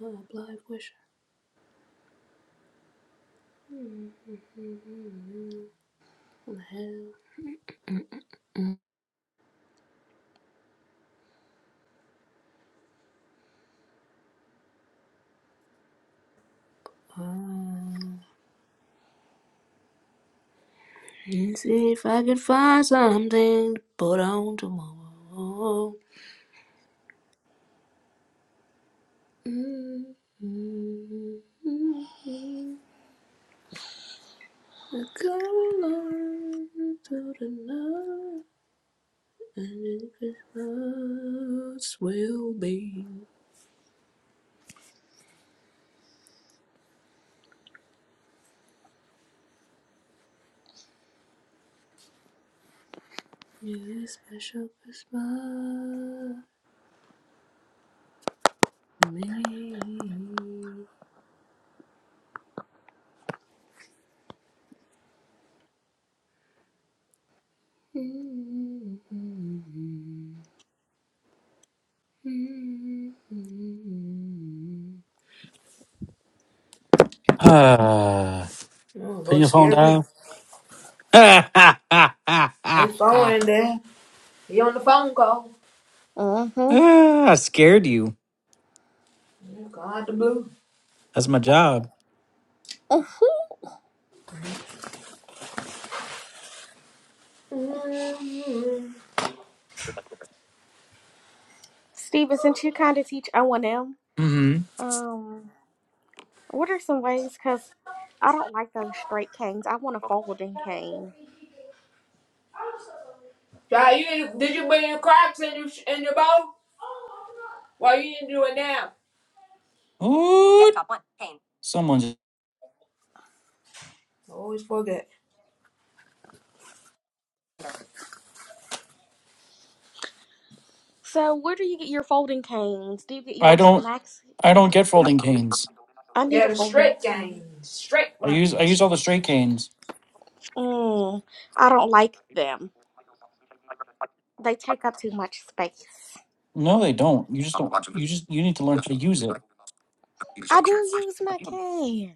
a blood pusher. Uh, let's see if I can find something to put on tomorrow. I gotta learn to deny, and then Christmas will be. Really special Christmas. Oh, Uh, put Lord, your phone scare me. down. His phone in there. He on the phone call. Mm-hmm. Ah, I scared you. Call out the blue. That's my job. Steven, since you kind of teach O and M, Mm-hmm. um, What are some ways? Because I don't like those straight canes. I want a folding cane. Try you did you bring your crocs in your in your bowl? Why you didn't do it now? Ooh, someone. just- I always forget. So, where do you get your folding canes? Do you get I yours from don't. I don't Maxi? get folding canes. I need a Get a folding straight game, cane. straight I use. I use ones. all the straight canes. Mm, I don't like them. They take up too much space. No, they don't. You just don't. You just. You need to learn to use it. I do use my cane.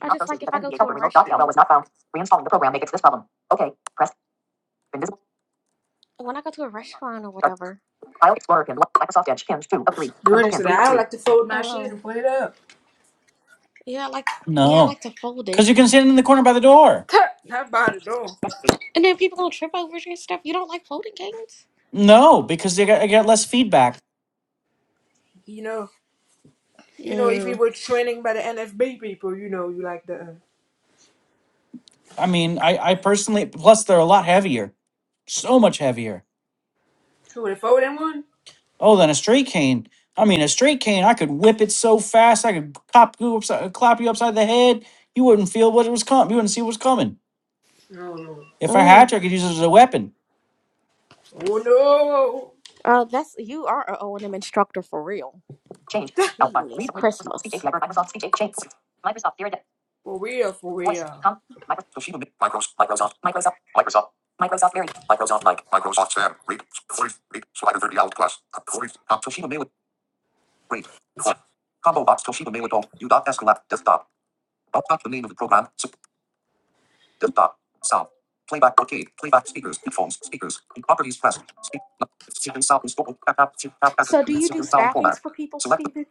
I just like if I go to a restaurant, when I go to a restaurant or whatever. Georgia said I like to fold my shit and Um, put it up. yeah, I like yeah, I No, like to fold it. because you can stand in the corner by the door. Not by the door. And then people gonna trip over it and stuff. You don't like folding canes? No, because they got. I got less feedback. You know. You know, if you Mm. were training by the NFB people, you know, you like the I mean, I, I personally, plus they're a lot heavier, so much heavier. who the four one. Oh, than a straight cane. I mean, a straight cane, I could whip it so fast, I could cop you upside, clap you upside the head. You wouldn't feel what it was coming. You wouldn't see what's coming. Oh no! If I Mm. had to, I could use it as a weapon. Oh no. Oh, that's you are a O and M instructor for real. Jeez, Christmas. For real, for real. So, do you do staffings for people, Stephen?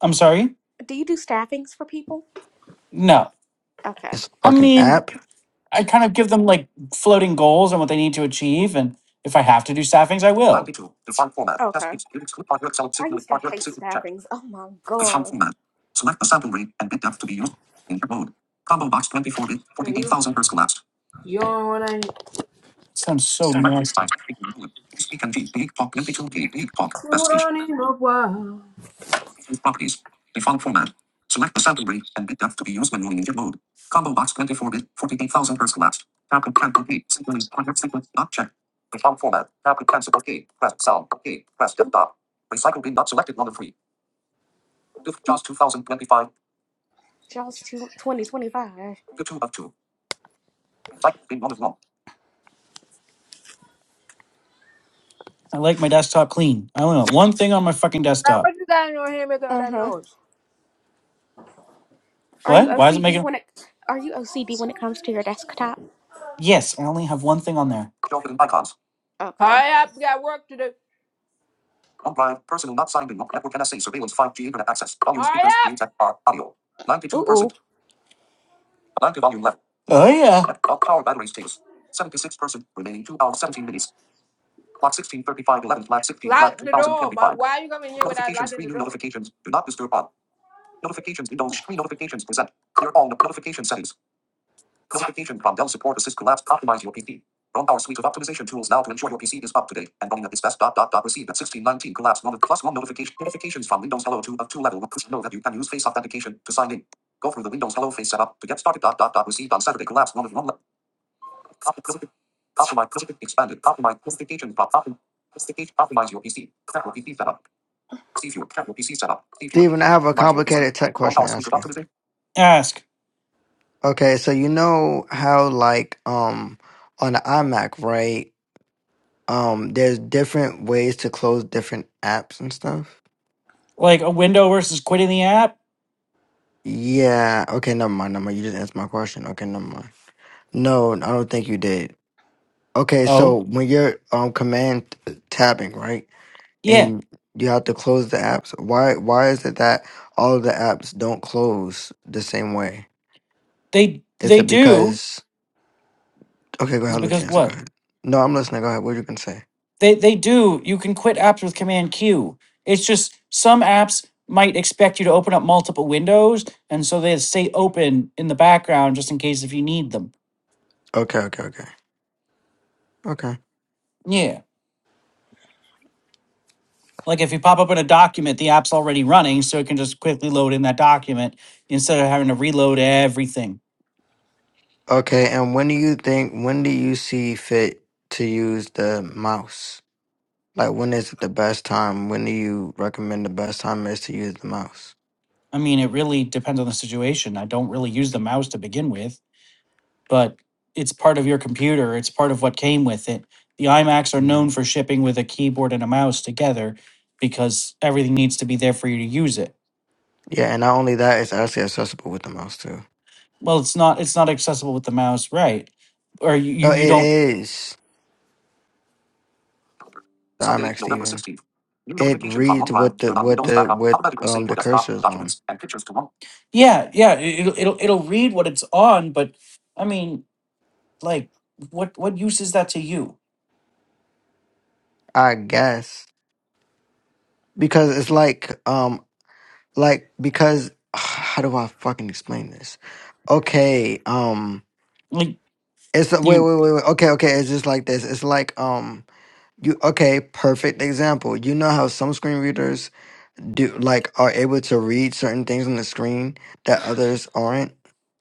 I'm sorry. Do you do staffings for people? No, Okay, This I fucking mean, app. I kind of give them like floating goals and what they need to achieve, and if I have to do staffings, I will. okay. I used to hate staffings. Oh my god, Man, you you don't wanna sounds so nasty. include on him a while. y'all's two twenty two twenty twenty five. I like my desktop clean. I only want one thing on my fucking Like, desktop. what you got in your hand making all Uh that huh. noise? Are you What? Why is it OCD making? when it? Are you OCD when it comes to your desktop? Yes, I only have one thing on there. Okay. Hurry up, we got work to do. Hurry up! Ooh ooh. Oh yeah. Lock the door. But why you coming here without locking the door? Steven, I have a complicated tech question to ask you. Ask Okay, so you know how like um on the iMac, right? Um there's different ways to close different apps and stuff. like a window versus quitting the app. Yeah, okay, never mind, never mind. You just answered my question. Okay, never mind. No, I don't think you did. Okay, so Oh when you're um command uh, tabbing, right? yeah, And you have to close the apps. Why why is it that all of the apps don't close the same way? they Is they it do because Okay, go is ahead, because Lucianza, go what ahead. No, I'm listening. Go ahead. What you can say? they they do. You can quit apps with Command Q. It's just some apps might expect you to open up multiple windows, and so they stay open in the background just in case if you need them. Okay, okay, okay. Okay. Yeah. Like if you pop up in a document, the app's already running, so it can just quickly load in that document instead of having to reload everything. Okay. And when do you think, when do you see fit to use the mouse? Like, when is it the best time? When do you recommend the best time is to use the mouse? I mean, it really depends on the situation. I don't really use the mouse to begin with, but it's part of your computer, it's part of what came with it. The iMacs are hmm known for shipping with a keyboard and a mouse together because everything needs to be there for you to use it. Yeah. And not only that, it's actually accessible with the mouse too. Well, it's not it's not accessible with the mouse, right? Or you you No, you it don't is the IMAX Steven. It reads what the, what the, what, um, the cursor is on. Yeah, yeah, it- it'll it'll it'll read what it's on, but I mean, Like, what what use is that to you? I guess. Because it's like, um, like, because, how do I fucking explain this? Okay. Um, Like, It's a, wait, you, wait, wait, wait. Okay, okay. It's just like this. It's like um, you okay? Perfect example. You know how some screen readers do like are able to read certain things on the screen that others aren't.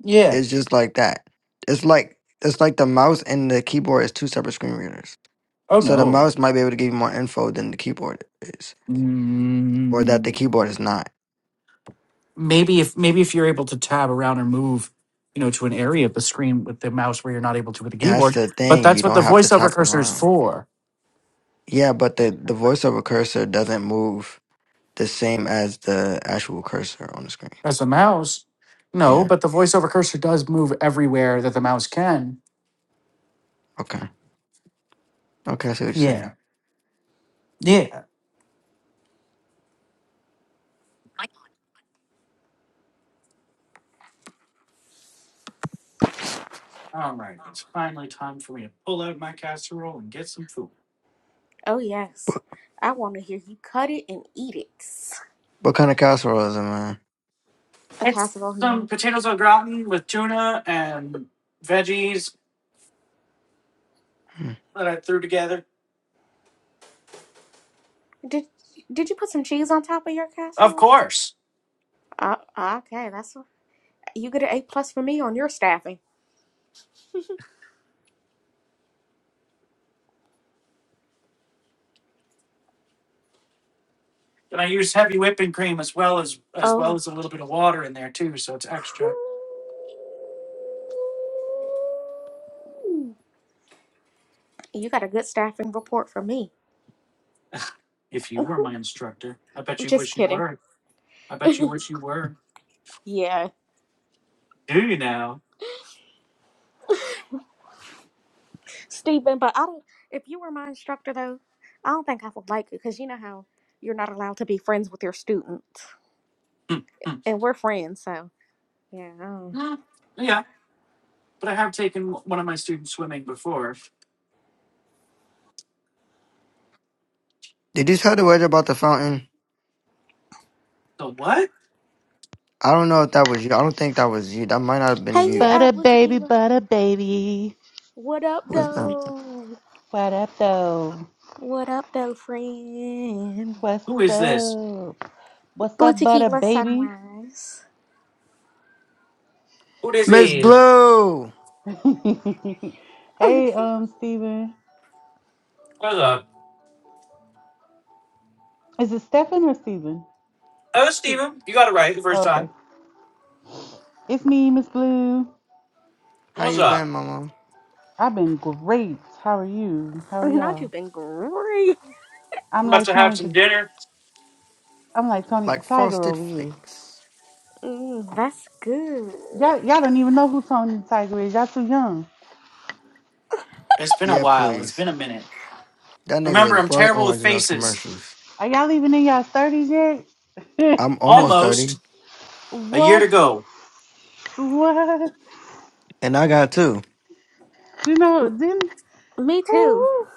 yeah. It's just like that. It's like it's like the mouse and the keyboard is two separate screen readers. Oh So the no. mouse might be able to give you more info than the keyboard is, or that the Mm, keyboard is not. maybe if maybe if you're able to tab around or move, you know, to an area of the screen with the mouse where you're not able to with the That's keyboard. the But thing. You that's what don't the have to voiceover tap cursor is around. for. Yeah, but the the voiceover cursor doesn't move the same as the actual cursor on the screen. As a mouse, no. Yeah. But the voiceover cursor does move everywhere that the mouse can. Okay. Okay. I see what you're saying. Yeah. Yeah. Roll and get some food. Oh yes. I want to hear you cut it and eat it. What kind of casserole is it, man? A It's casserole, you some mean? potatoes au gratin with tuna and veggies Hmm. that I threw together. Did Did you put some cheese on top of your Of casserole? course. Uh, okay, that's You get an A plus for me on your staffing. And I use heavy whipping cream as well as as Oh, well as a little bit of water in there too, so it's extra. whew. you got a good staffing report for me. If you were my instructor, I bet you Just wish you kidding. were. I bet you wish you were. Yeah, Do you now? Stephen. But I don't. If you were my instructor, though, I don't think I would like it because you know how you're not allowed to be friends with your students, Hmm, hmm, and we're friends, so yeah. I don't- hmm. yeah, but I have taken one of my students swimming before. Did you tell the wedge about the fountain? The what? I don't know if that was you. I don't think that was you. That might not have been Hey, you. uh, Butter Blue baby, Tequila. butter baby. What up, What's that? though? What up though? What up, though, friend? What's up? What's Blue up, butter Tequila baby? Sunrise. Miss Blue! hey, um, Steven. Is it Stefan or Steven? Steve, Oh, okay. It's me, Miss Blue. How you been, mama? I've been great. How are you? How are not you've y'all? been great. I'm like Tony the I'm like Tony the Like Tiger frosted over here. flakes. Mm, that's good. Y'all, y'all don't even know who Tony the Tiger is. Y'all too young. It's been a Yeah, while. It's please. been a minute. That nigga Remember, was I'm bright terrible with orange in those faces. commercials. Are y'all even in y'all thirties yet? I'm almost 30, Almost a year what? to go. What? and I got two. You know, didn't Me too. Ooh,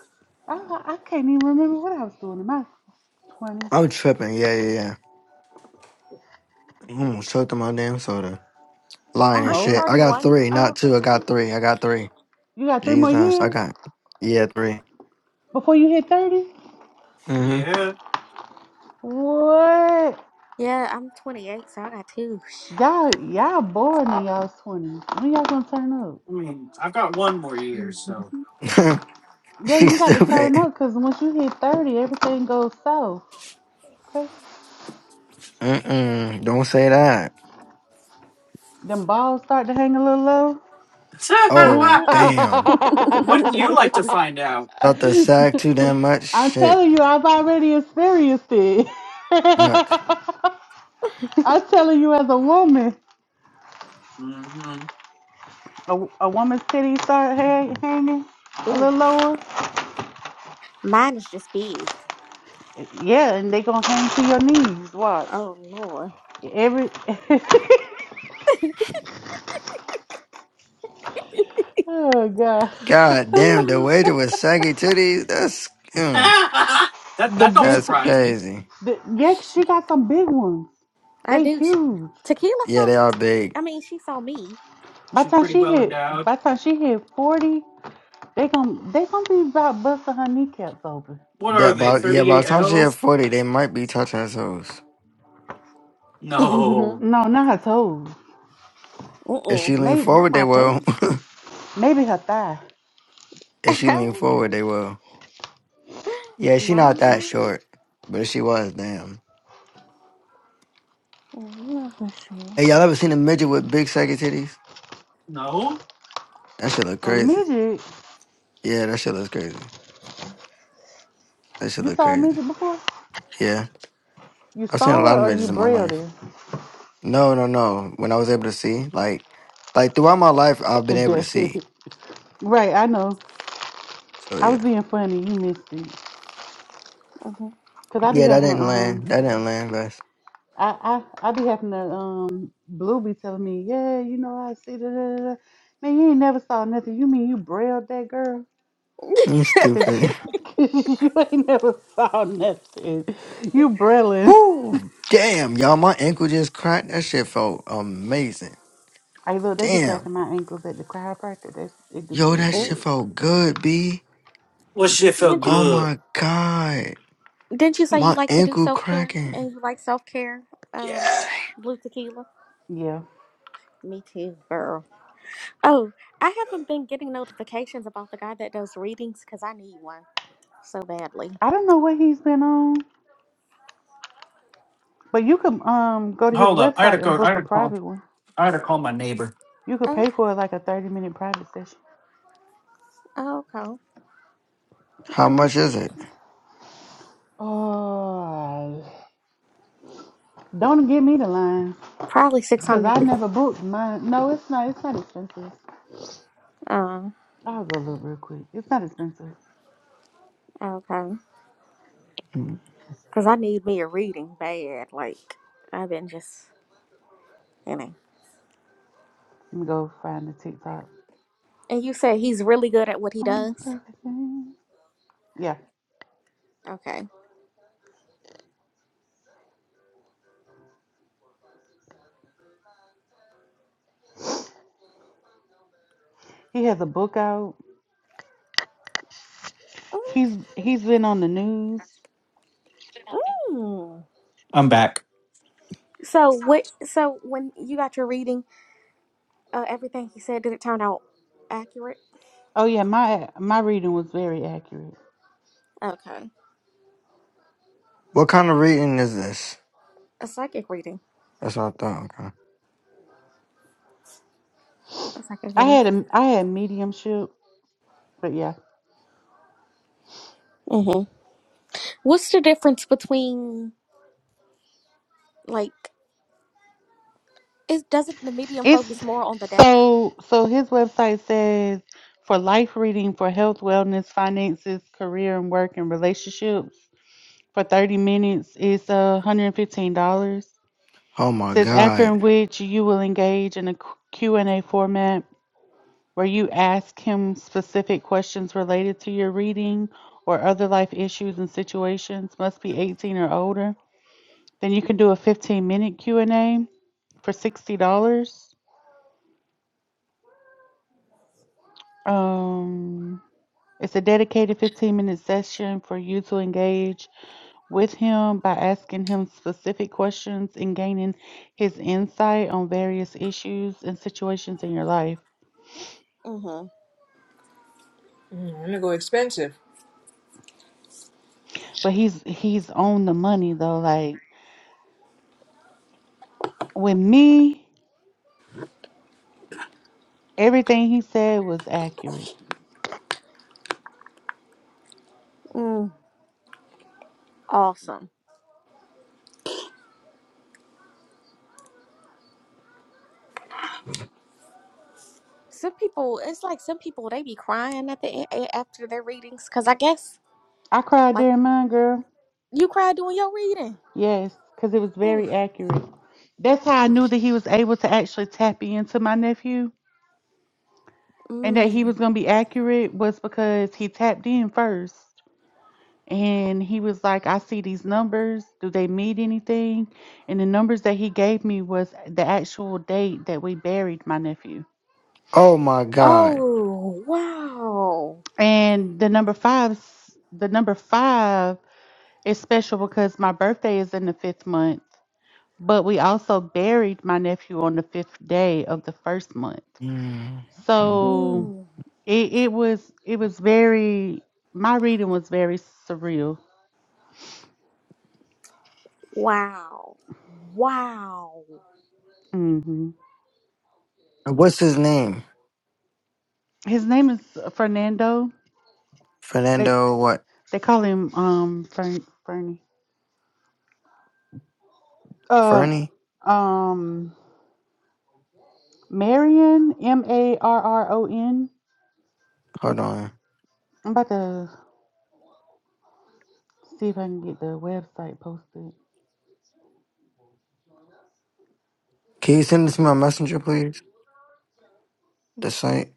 I, I can't even remember what I was doing in my 20s. I'm tripping. Yeah, yeah, yeah. I almost choked on my damn soda. Lying I'm and Aren't you shit. old. I got 31, three, uh, not two. Brother I got Keelan? three. I got three. You got three more Jesus, I years got, yeah, three. before you hit 30? Mm-hmm. Yeah, What? Yeah, I'm 28, so I got two. Y'all, y'all bored in y'all 20s. When y'all gonna turn up? I mean, I've got one more year, so. Yeah, you She's got to turn stupid. up because once you hit 30, everything goes south. Okay? Mm-mm. Don't say that. Them balls start to hang a little low. Oh, Mm. damn. Wouldn't you like to find out? Thought the sack too damn much. I'm Shit. telling you, I've already experienced it. Fuck. I'm telling you, as a woman, a, a woman's titties start hang, Mhm. hanging a Ooh, little lower. mine is just big. Yeah, and they gonna hang to your knees. Watch Oh, Lord. every. oh god, God damn, the waiter was saggy titties. That's mm, that the that don't big. that's surprise me. crazy. The, yeah, she got some big ones. I They do. She, huge. tequila Yeah, saw they my are titty. big. I mean, she saw me. By the She's time pretty But she she- well hit, endowed. by the time she hit forty, they gon' they gonna be about busting her kneecaps open. What are That they? by yeah, Mhm. by Thirty-eight the time she hit elves? forty, they might be touching her toes. No, No, not her toes. If Mm-mm. she lean Maybe Not forward, they my toes. will. maybe her thigh. if she lean forward, Oh, they will. Yeah, she not that no. short, but if she was damn. I'm not for sure. Hey, y'all ever seen a midget with big saggy titties? no. That shit look A crazy. midget. Yeah, that shit looks crazy. That shit You look saw a crazy. midget before? Yeah, You I've seen a saw it lot of or midgets you in my brailled life. it? No, no, no. When I was able to see, like, like throughout my life, I've been able to That's see. it. Right, I know. So I was yeah, being funny. You missed it. Mhm. Cause I be yeah, that having to didn't um, land. That didn't land, best. I I I be having to um, Blue be telling me, yeah, you know I see da da da. da." Man, you ain't never saw nothing. You mean you brailled that girl? I'm Cause, stupid. cause you ain't never saw nothing. You brailling. Woo! Damn, y'all, my ankle just cracked. That shit felt amazing. Hey, look, they be Damn, cracking my ankles at the chiropractor. That's it. Do yo, feel that shit good. Mm. felt good, b. It do feel Didn't you Oh good. my god, Didn't you say He, you my like to do ankle self care cracking. and you like self care? Um, blue tequila. yeah. Me too, girl. Oh, I haven't been getting notifications about the guy that does readings because I need one so badly. I don't know what he's been on. But you could um go to his Hold up. I had to website and go. I had book a to call. private one. I had to call my neighbor. You could Okay, pay for like a thirty minute private session. okay, okay. How much is okay. it? Oh, don't give me the line, Probably six cause hundred. I never booked mine. No, it's not. It's not expensive. Uh, I'll go look real quick. It's not expensive. okay, because I need me a reading bad. Like I've been just you know. Let me go find the TikTok. And you said he's really good at what he On the does. perfect day. Yeah, Okay. he has a book out. He's he's been on the news. Mm. I'm back. So what? So when you got your reading. Uh, everything he said did it turn out accurate. Oh yeah, my my reading was very accurate. Okay. What kind of reading is this? A psychic reading. That's what I thought. okay. A psychic I reading. had a I had mediumship, but yeah, hmm What's the difference between like is doesn't the medium It's focus more on the death? so so his website says for life reading for health, wellness, finances, career and work and relationships for 30 minutes is uh, $115. Oh my Says after god. in which you will engage in a Q- Q&A format where you ask him specific questions related to your reading or other life issues and situations must be 18 or older. Then you can do a 15 minute Q&A for $60. Um It's a dedicated 15 minute session for you to engage with him by asking him specific questions and gaining his insight on various issues and situations in your life. Mm-hmm. Mm, I'm gonna go expensive. But he's he's on the money though. Like with me, everything he said was accurate. Mm. Awesome. Some people, it's like some people they be crying at the end, after their readings because I guess I cried like during mine, girl. you cry doing your reading. Yes, because it was Ooh, very accurate. That's how I ooh. knew that he was able to actually tap into my nephew and that he was Mm. gonna be accurate was because he tapped in first And he was like, I see these numbers. Do they mean anything? And the numbers that he gave me was the actual date that we buried my nephew. Oh my god. Oh wow. And the number five, the number five is special because my birthday is in the fifth month, but we also buried my nephew on the fifth day of the first month. Mm. So Mm. it, it was, it was very, my reading was very surreal. Wow. Wow. hmm What's his name? His name is Fernando. They. Fernando what? They call him um Fern Fernie. Um Fernie? um Marion M A R R O N. Hold on. I'm about to see if I can get the website posted. Can you send this to my messenger, please? The site?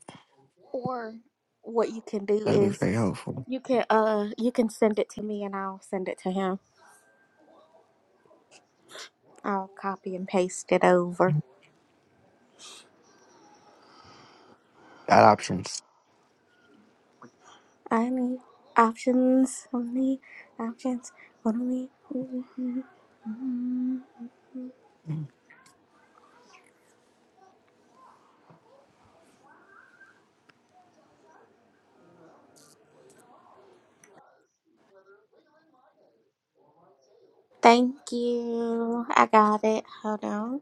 Or what you can do That'd be is very helpful. you can uh you can send it to me and I'll send it to him. I'll copy and paste it over. Got options. Any options? Only options. Only. Mm. Thank you. I got it. Hold on.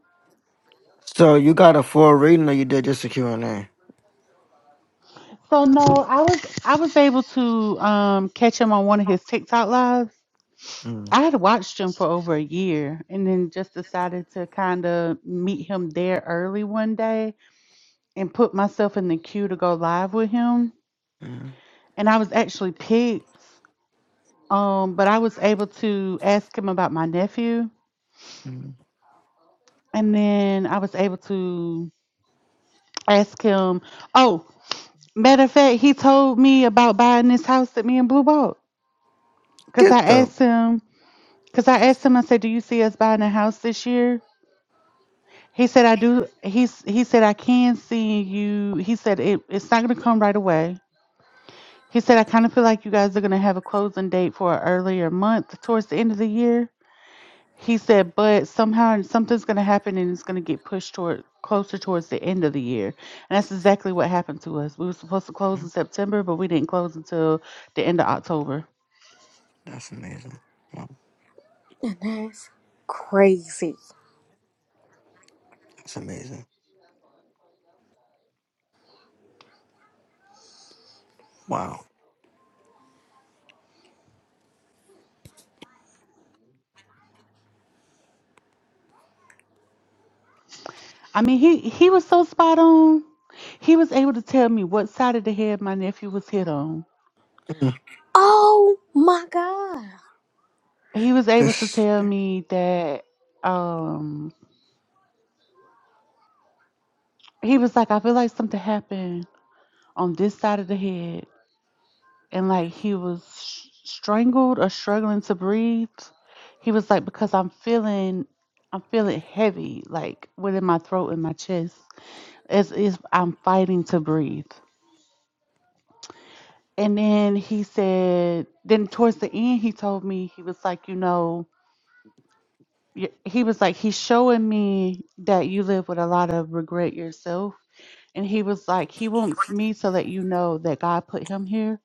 So you got a full reading or you did just a Q and a So no, I was I was able to um catch him on one of his TikTok lives. Mm. I had watched him for over a year and then just decided to kind of meet him there early one day and put myself in the queue to go live with him. Mm. And I was actually picked. Um, but I was able to ask him about my nephew, Mm. and then I was able to ask him. Oh, matter of fact, he told me about buying this house that me and Blue bought. Cause I Get the... asked him. Cause I asked him. I said, "Do you see us buying a house this year?" He said, "I do." He's he said, "I can see you." He said, it, "It's not gonna come right away." He said, "I kind of feel like you guys are gonna have a closing date for an earlier month towards the end of the year." He said, but somehow something's going to happen and it's going to get pushed toward closer towards the end of the year. And that's exactly what happened to us. We were supposed to close in Mm. September, but we didn't close until the end of October. That's amazing. Wow. And that's great. That's amazing. Wow. I mean, he he was so spot on. He was able to tell me what side of the head my nephew was hit on. Mm. Oh my god. He was able to This... tell me that um he was like, I feel like something happened on this side of the head. and like he was sh- strangled or struggling to breathe. He was like, because I'm feeling, I'm feeling heavy, like within my throat and my chest, as if I'm fighting to breathe. And then he said, then towards the end, he told me he was like, you know, y- he was like, he's showing me that you live with a lot of regret yourself. And he was like, he wants me to let you know that God put him here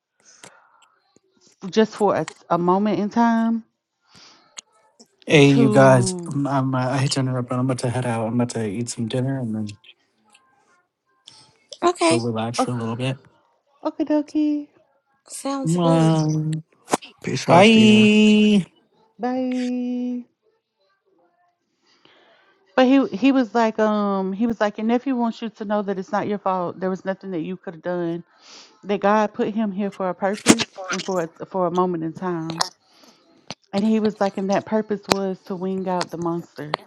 just for a, s- a moment in time Hey, you guys. to I'm. I'm uh, I hate to interrupt, but I'm about to head out. I'm about to eat some dinner and then go Okay. relax Oh, for a little bit. okay, dokie. Sounds good. Mwah. Peace out, Steven. Bye. Bye. But he he was like, um, he was like, your nephew wants you to know that it's not your fault. There was nothing that you could have done. That God put him here for a purpose and for a, for a moment in time. And he was like, and that purpose was to wing out the monster.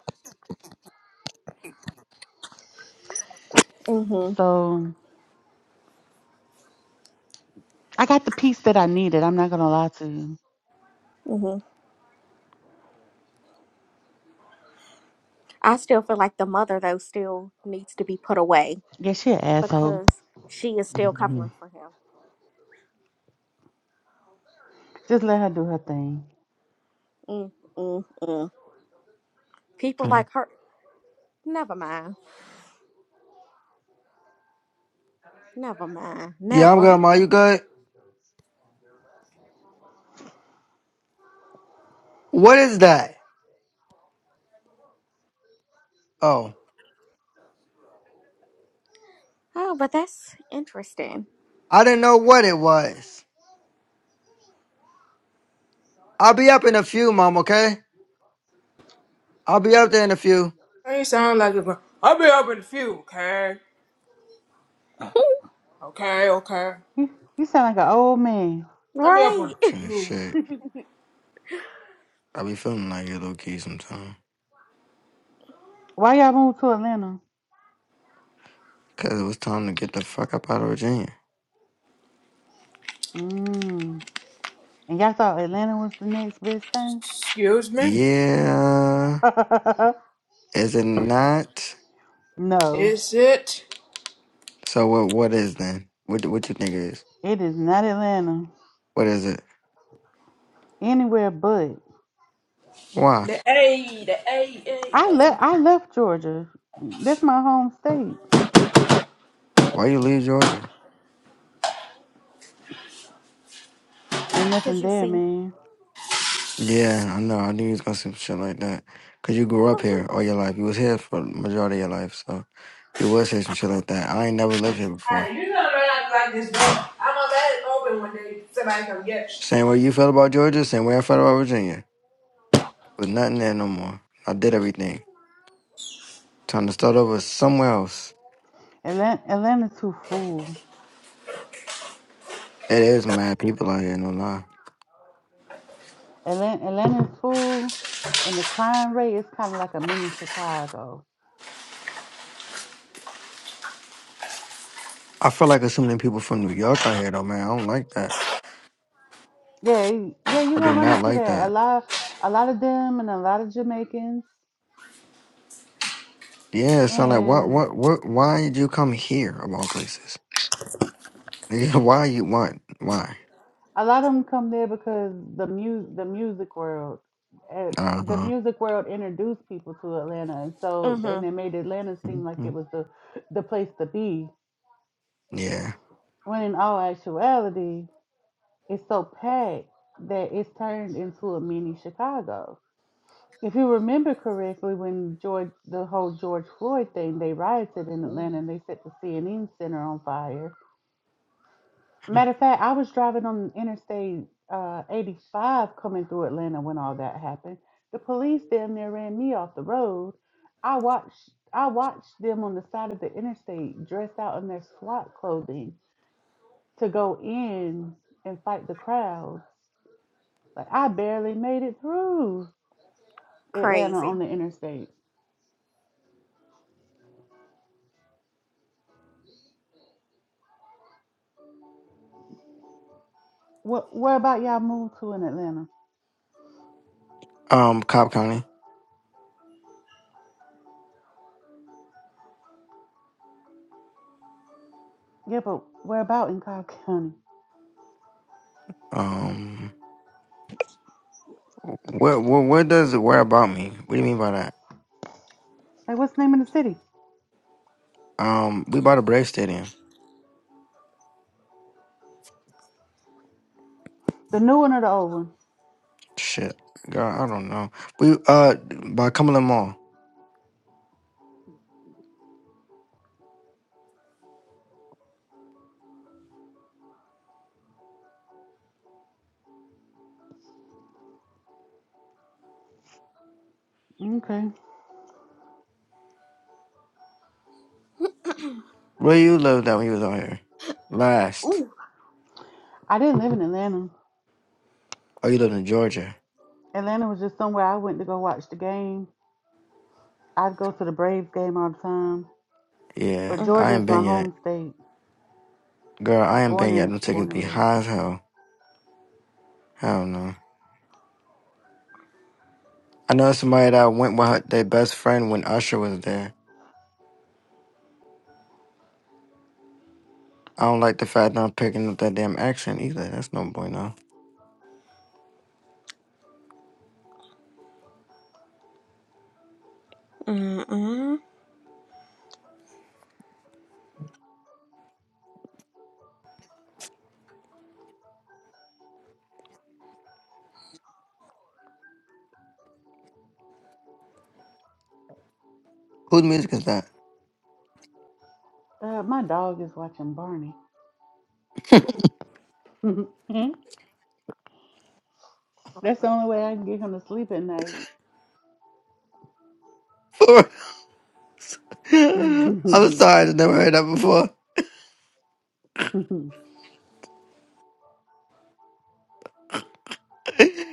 Mhm. So I got the piece that I needed. I'm not gonna lie to you. Mhm. I still feel like the mother though still needs to be put away. Yeah, she an asshole. because she is still covering Mhm. for him. Just let her do her thing. Mm, mm, mm. People Mm. like her. Never mind. Never mind. Yeah, I'm Never good, Ma. mind. You good? What is that? Oh, Oh, but that's interesting. I didn't know what it was. I'll be up in a few, mom. Okay, I'll be up there in a few. You sound like a I'll be up in a few, okay? Okay, okay. You, you sound like an old man. I'll be up in Right. a Shit, few. shit. I be feeling like it low key sometimes. Why y'all moved to Atlanta? Cause it was time to get the fuck up out of Virginia. Mm. And y'all thought Atlanta was the next best thing? Excuse me. Yeah, is it not? no, Is it So what? What is then? What? What you think it is? it is not Atlanta. What is it? Anywhere but. Why? the A? The A, A, I A. left. I left Georgia. That's my home state. Why you leave Georgia? Ain't Because nothing you there, see. man. Yeah, I know. I knew you was gonna say some shit like that. Cause you grew up here all your life. You was here for the majority of your life, so you would say some shit like that. I ain't never lived here before. Hey, you know they're not like like this door. I'm gonna let it open one day. Somebody come get you. Same way you felt about Georgia, same way I felt about Virginia. But nothing there no more. I did everything. Time to start over somewhere else. Atlanta, Atlanta's too full. It is mad people out here, no lie. Atlanta, Atlanta's full, and the crime rate is kind of like a mini Chicago. I feel like assuming people from New York out here though, man. I don't like that. Yeah, y- yeah, you I gonna do run not into like that. A that. lot, a lot of them, and a lot of Jamaicans, Yeah, it sound like what and. what what why did you come here of all places? Nigga, why you want Why? A lot of them come there because the mu- the music world, uh, Uh the music world introduced people to Atlanta, and Mm so hmm. and they made Atlanta seem like huh. it was the the place to be. Yeah. When in all actuality, it's so packed that it's turned into a mini Chicago. If you remember correctly, when George the whole George Floyd thing, they rioted in Atlanta and they set the CNN Center on fire Matter of fact, I was driving on Interstate uh, 85 coming through Atlanta when all that happened. The police damn near ran me off the road. I watched I watched them on the side of the interstate dressed out in their SWAT clothing to go in and fight the crowd. Like I barely made it through Atlanta Crazy. on the interstate. What where about y'all moved to in Atlanta? Um, Cobb County. Yeah, but where about in Cobb County? Um where, where where does it where about me? What do you mean by that? Like what's the name of the city? Um, we bought a Brave Stadium. The new one or the old one? Shit, girl, I don't know. We uh by Cumberland Mall. Okay. Where you lived at when you was out here? Last. Ooh. I didn't live in Atlanta. Oh, you lived in Georgia. Atlanta was just somewhere I went to go watch the game. I'd go to the Braves game all the time. Yeah, But Mm-mm, I Georgia ain't is my been mm-mm, yet. home state. Girl, I ain't Born been yet. and Them tickets born and be raised. high as hell. Hell no. I know somebody that went with her, their best friend when Usher was there. I don't like the fact that I'm picking up that damn accent either. That's no bueno. Whose music is that? Uh, my dog is watching Barney. That's the only way I can get him to sleep at night. For? I'm sorry, I have never heard that before.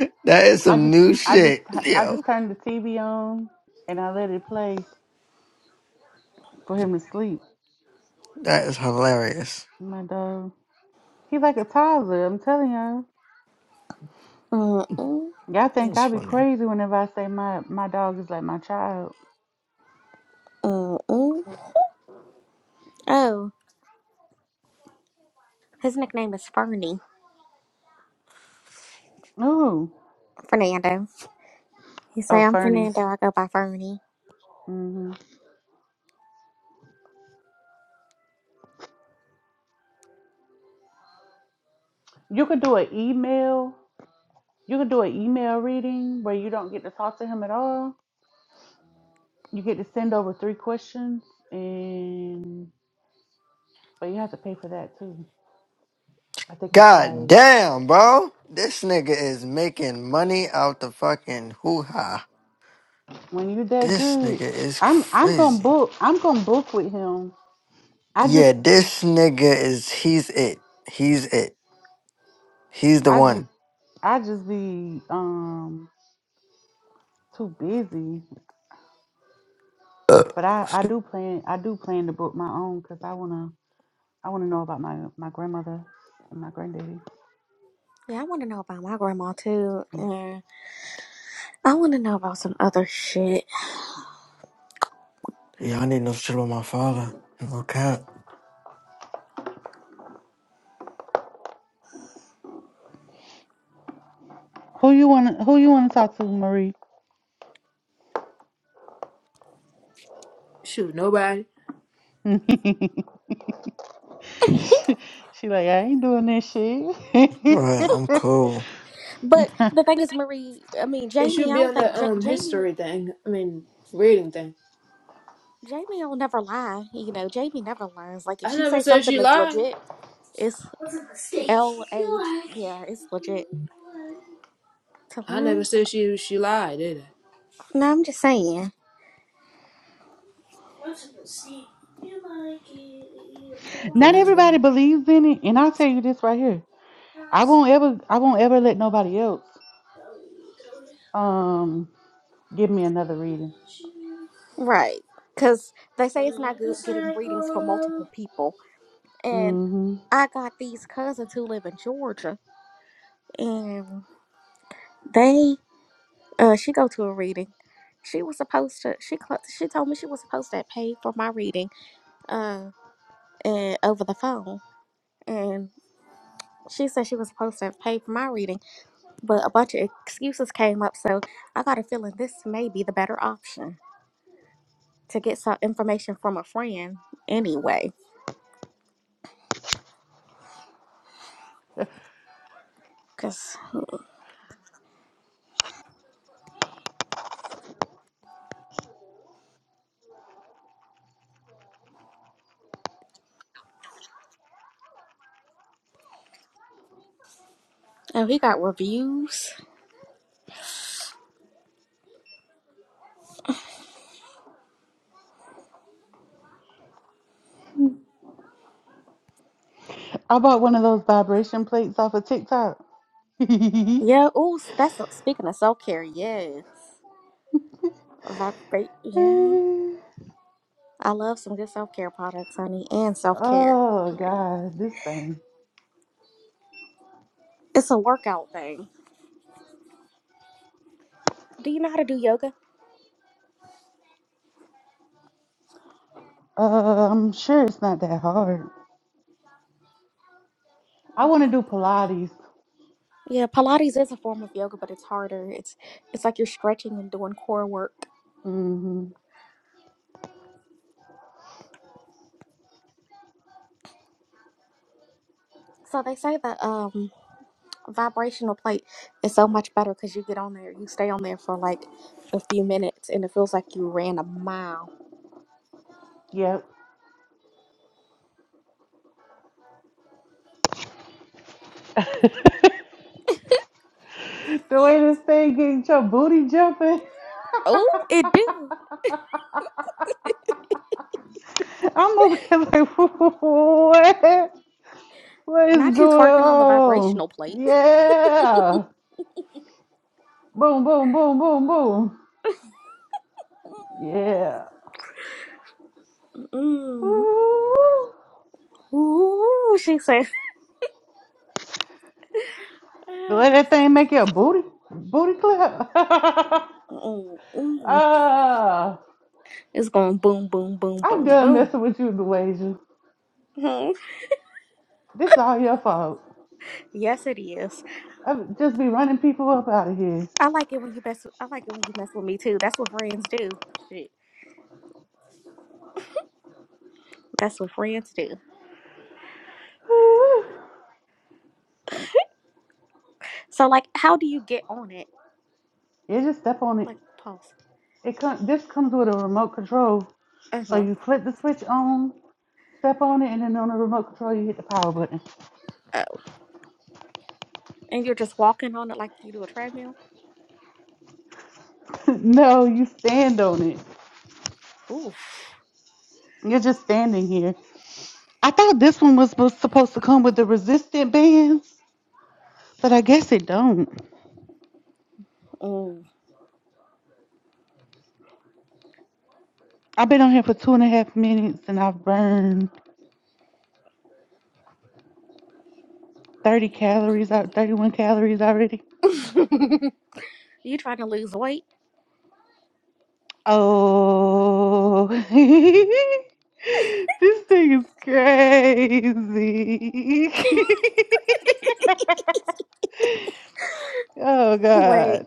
That is I some just new I just shit, I yo. just turn the TV on and I let it play for him to sleep. That is hilarious. My dog. He's like a toddler, I'm telling y'all. mm-mm, Y'all think That's I be funny. crazy whenever I say my my dog is like my child. mm-mm. Oh, his nickname is Fernie. Ooh. Fernando. He say, Oh, I'm Fernie. Fernando. I go by Fernie. hmm You could do an email. You could do an email reading where you don't get to talk to him at all. You get to send over three questions, and but you have to pay for that too. I think it's God like damn, bro. This nigga is making money out the fucking hoo ha. when you're that This nigga good, is I'm I'm gonna crazy. book. I'm gonna book with him. I just Yeah, this nigga is, he's it. He's it. He's the I just one. I just be um too busy. Uh, But I I do plan I do plan to book my own because I wanna I wanna know about my my grandmother and my granddaddy. Yeah, I want to know about my grandma too. Yeah. I want to know about some other shit. y'all need no shit with my father. No cap. Who you want? Who you want to talk to, Marie? Shoot, nobody. she like I ain't doing this shit. Alright, I'm cool. But the thing is, Marie, I mean, It Jamie, should I be don't on the think Ja um Jamie, history thing. I mean, reading thing. Jamie will never lie. You know, Jamie never lies. Like if I she never says said something she is lied. legit, it's L A. Yeah, it's legit to I never learn. said she she lied, did I? No, I'm just saying, I'm supposed to see you like it. You Not know everybody believes in it, and I'll tell you this right here. I won't ever. I won't ever let nobody else um give me another reading. right? Because they say it's not good getting readings for multiple people, and hmm I got these cousins who live in Georgia, and they, uh, she go to a reading. She was supposed to. She cl- she told me she was supposed to pay for my reading. Uh, and over the phone and she said she was supposed to pay for my reading but a bunch of excuses came up so i got a feeling this may be the better option to get some information from a friend anyway because oh he got reviews I bought one of those vibration plates off of TikTok. oh yeah ooh that's a, speaking of self-care yes Vibrate, yeah i love some good self-care products honey and self-care period God, this thing. it's a workout thing do you know how to do yoga Uh, I'm sure it's not that hard. I want to do Pilates. Yeah, Pilates is a form of yoga, but it's harder. It's it's like you're stretching and doing core work. Mm-hmm. So they say that um vibrational plate is so much better because you get on there, you stay on there for like a few minutes, and it feels like you ran a mile. Yep. the way this thing getting your booty jumping, Oh, it do. I'm over here like, what? What is Not you going twerking on the on? vibrational plate. Yeah. Boom, boom, boom, boom, boom. Yeah. Mm. Woo. Ooh, she said. The way that thing make your booty, booty clap. Mm, mm. Ah, It's going boom, boom, boom, I'm boom, done boom. messing with you, Dewasia. Mhm. This is all your fault. Yes, it is. I would just be running people up out of here. I like it when you mess. I like it when you mess with me too. That's what friends do. Shit, that's what friends do. Woo. So, like, how do you get on it? Yeah, just step on it. Like, pause. It comes. This comes with a remote control. Uh So huh. you flip the switch on, step on it, and then on the remote control you hit the power button. Oh, and you're just walking on it like you do a treadmill. no, you stand on it. Oof. You're just standing here. I thought this one was supposed to come with the resistant bands, but I guess it don't. Mm. I've been on here for two and a half minutes and I've burned thirty calories out, thirty one calories already. you trying to lose weight? Oh, this thing is crazy. Oh Wait. God.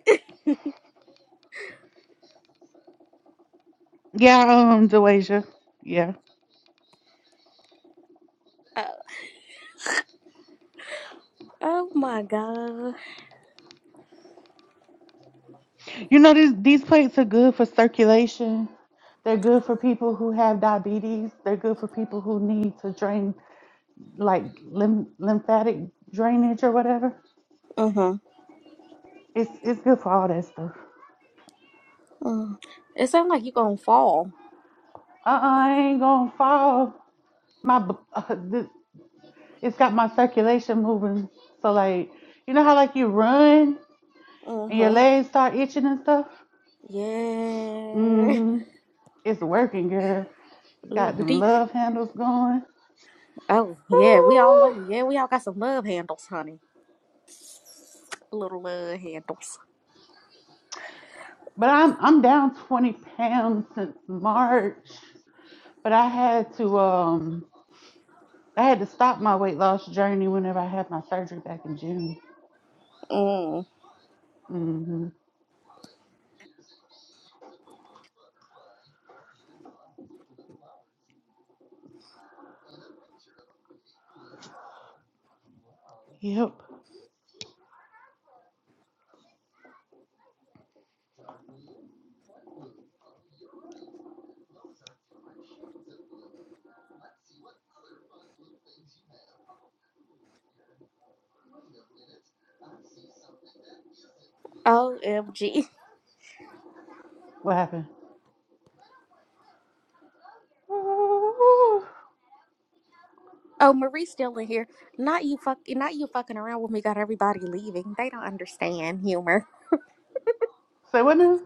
Yeah, um, Dewasia. Yeah. Oh, oh my god. You know these these plates are good for circulation. They're good for people who have diabetes. They're good for people who need to drain like lymph lymphatic drainage or whatever. Uh huh. It's it's good for all that stuff. Mm. It sounds like you're gonna fall. Uh, I ain't gonna fall. My b- it's got my circulation moving. So like, you know how like you run Uh and your huh. legs start itching and stuff. Yeah. hmm It's working, girl. Ooh, got them these. love handles going. Oh yeah, we all love. Yeah, we all got some love handles, honey. Little uh, handles. But I'm I'm down 20 pounds since March. But I had to um I had to stop my weight loss journey whenever I had my surgery back in June. Mm. hmm Yep. OMG. What happened? Oh, Marie's still in here. Not you fuck not you fucking around with me got everybody leaving. They don't understand humor. Say what now?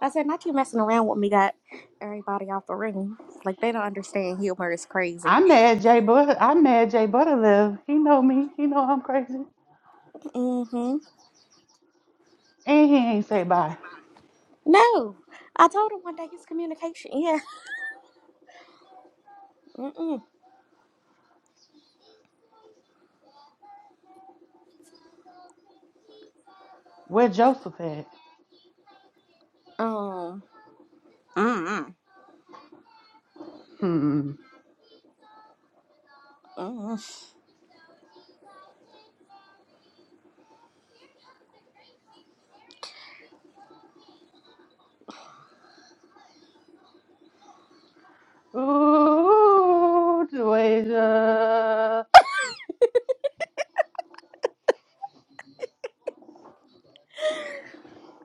I said not you messing around with me got everybody out the room. Like they don't understand humor is crazy. I'm mad Jay Butter. I'm mad Jay Butter live. He know me. He know I'm crazy. Mm-hmm. And he ain't say bye. No. I told him one day his communication. Yeah. Mm-mm. Where Joseph at? Um Hmm. Mm-mm. Ooh, Deja.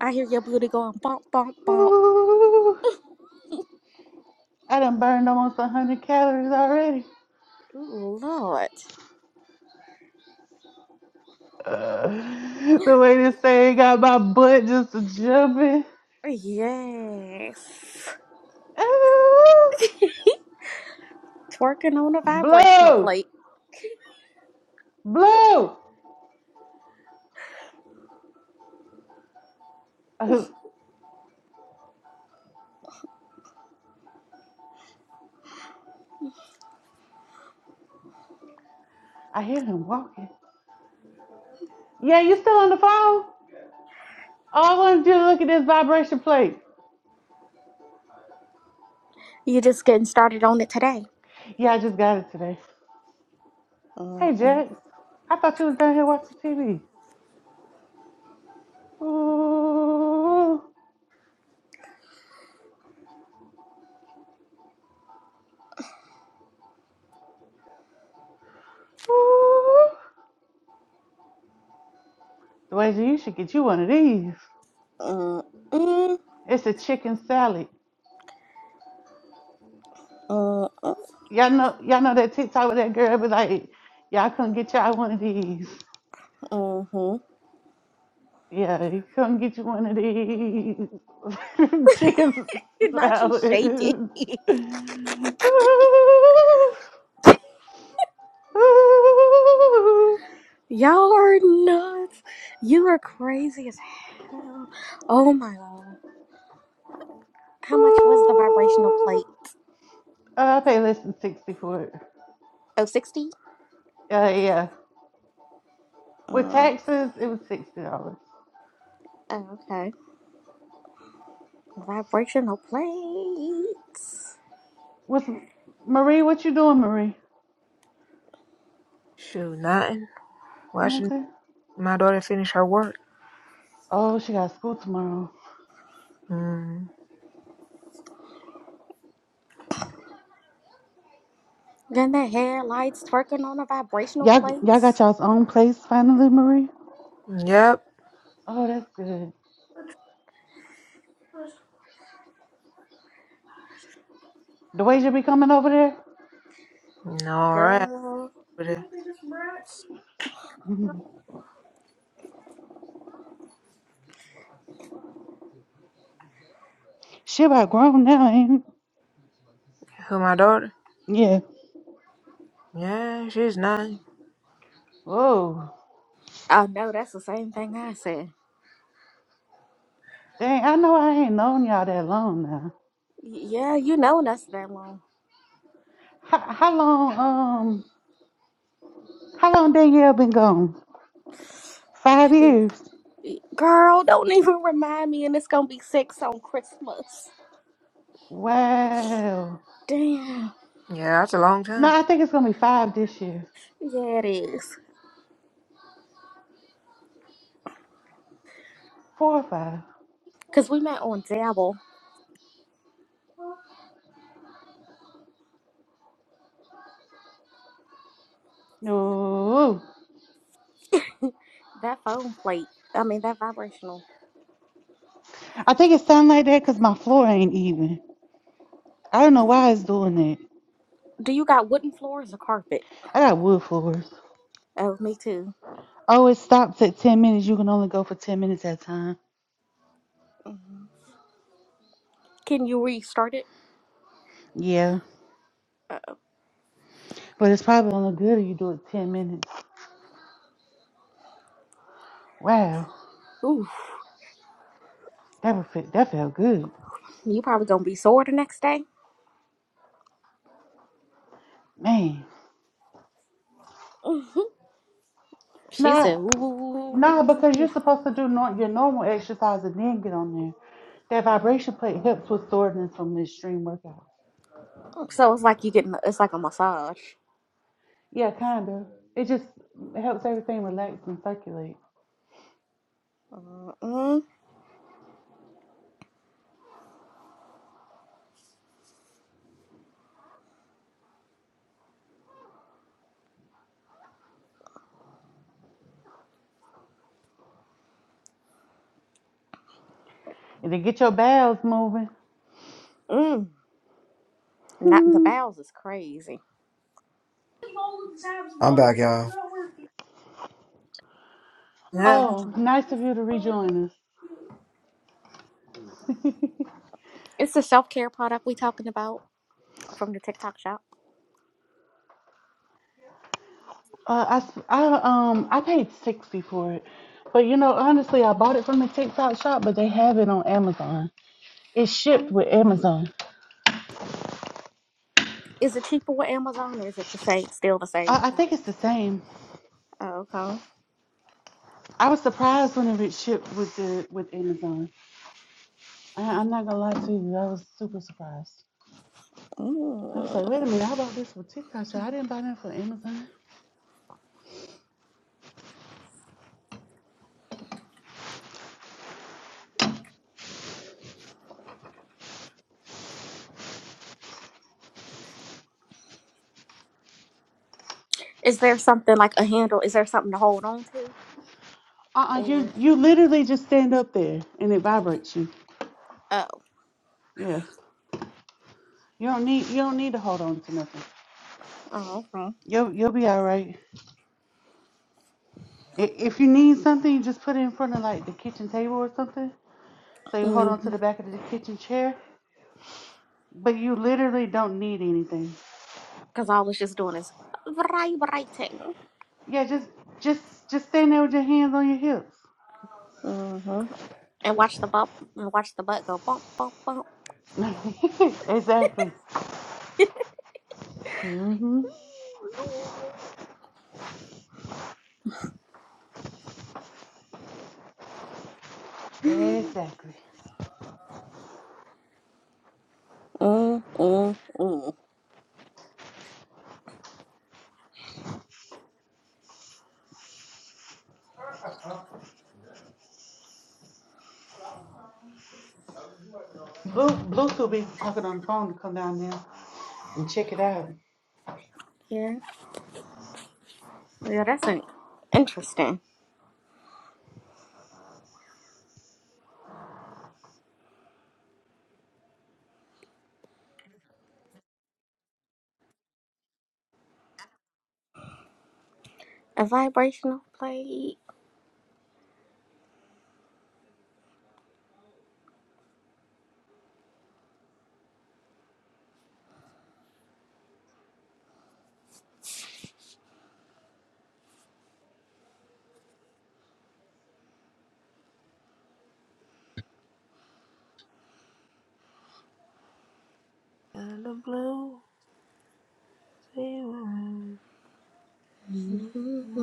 I hear your booty going bump bump bump. Ooh. I done burned almost 100 calories already. Ooh, Lord. Uh, the way this thing got my butt just jumping. Yes. Ooh. Twerking on a vibrational Blow! plate. Blow! Uh, I hear him walking. Yeah, you still on the phone? All I want to do is look at this vibration plate. You're just getting started on it today. Yeah, I just got it today. Hey, Mm-mm, Jack. I thought you was down here watching TV. Ooh, ooh. Dwayne, you should get you one of these. mm-mm, It's a chicken salad. mm-mm, Y'all know, y'all know that TikTok with that girl be like, y'all come get y'all one of these. mm-hmm. Yeah, come get you one of these chicken s- You're Not you shaking. salads. Ooh, Y'all are nuts. You are crazy as hell. Oh my god. ooh, How much was the vibrational ooh. plate? Uh, I pay less than sixty for it. Oh 60. Uh, yeah. With Uh, taxes, it was sixty dollars. oh, okay. Vibrational plates. What's Marie? What you doing, Marie? Shoot, nothing. Watching Nothing. my daughter finish her work. Oh, she got school tomorrow. Mm, Then the headlights twerking on a vibrational Y'all, plate. y'all got y'all's own place finally, Marie. yep. Oh, that's good. The way you be coming over there. All right. Girl. With it. she about grown now, ain't? Who my daughter? Yeah. Yeah, she's nine. Whoa. Oh no, that's the same thing I said. Dang, I know I ain't known y'all that long now. Yeah, you known us that long. How, how long? Um, how long Danielle been gone? Five years. Girl, don't even remind me, and it's gonna be six on Christmas. Wow. Damn. Yeah, that's a long No, time. I think it's gonna be five this year. Yeah, it is. Four or five. Cause we met on Dabble. No, That phone plate. I mean, that vibrational. I think it sound like that because my floor ain't even. I don't know why it's doing that. Do you got wooden floors or carpet? I got wood floors. Oh, me too. Oh, it stops at 10 minutes. You can only go for 10 minutes at a time. Mhm. Can you restart it? Yeah, Uh, but it's probably only good if you do it 10 minutes. Wow, ooh, that would fit, that felt good. you probably gonna be sore the next day. Man. Mhm. She Nah, said, nah, "Ooh." because you're supposed to do nor your normal exercise and then get on there. That vibration plate helps with soreness from the extreme workout. So it's like you getting it's like a massage. Yeah, kind of. It just helps everything relax and circulate. Mm-mm. Did it get your bowels moving? Mm. Not the bowels is crazy. I'm back, y'all. Yeah. oh, nice of you to rejoin us. It's the self care product we talking about from the TikTok shop. uh, I I, um, I paid 60 for it. But you know, honestly, I bought it from the TikTok shop, but they have it on Amazon. It's shipped Um, with Amazon. is it cheaper with Amazon or is it the same? Still the same I, I think price? it's the same. Oh, okay. I was surprised when it shipped with the with Amazon. I, I'm not gonna lie to you, I was super surprised. I was Mm. like, wait a minute, I bought this from TikTok shop. I didn't buy that from Amazon. Is there something like a handle? Is there something to hold on to? Uh-uh, you Or you literally just stand up there and it vibrates you. oh, Yeah. You don't need you don't need to hold on to nothing. oh, okay. You'll you'll be all right. I- If you need something, you just put it in front of like the kitchen table or something. So you hold on to Mm-hmm. the back of the kitchen chair, but you literally don't need anything. Because all it's just doing is vibrating. writing. Yeah, just just just stand there with your hands on your hips. Mm-hmm. And watch the bump and watch the butt go bump, bump, bump. exactly. hmm Exactly. Mm, mm, mm. Blue Bluetooth be talking on the phone to come down there and check it out. Yeah, yeah, that's an interesting. A vibrational plate. And the blue moon.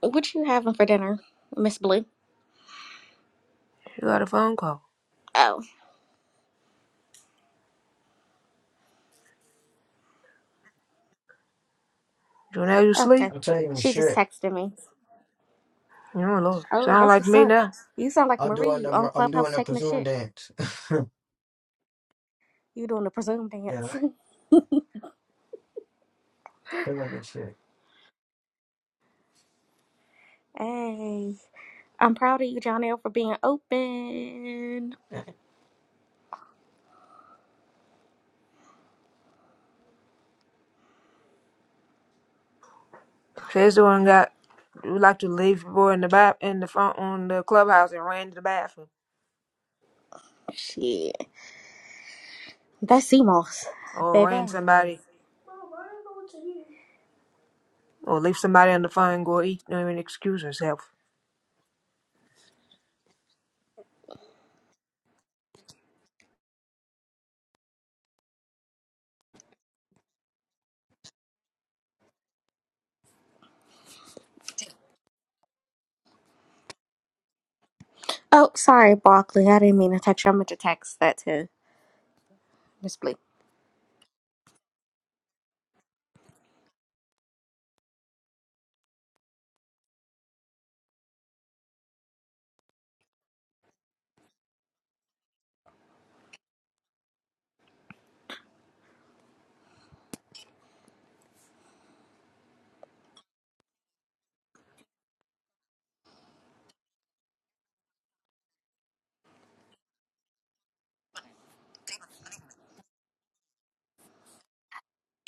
What you having for dinner, Miss Blue? She got a phone call. Oh, Jonelle, you sleep? okay. I'm telling you She just shit. texted me. Oh Lord, Oh, sound that's like what's me up. now. You sound like I'm Marie. doing You on the, I'm Clubhouse doing the taking a presume shit. dance. You doing the presume yeah, dance. killing this shit. hey, I'm proud of you, John L, for being open. She's the one got would like to leave boy in the bath in the front on the clubhouse and ran to the bathroom Shit, that's CMOS, or ran baby. somebody or leave somebody on the phone and go eat. Don't even excuse herself. Oh, sorry, Broccoli. I didn't mean to text you. I meant to text that to Miss Blue.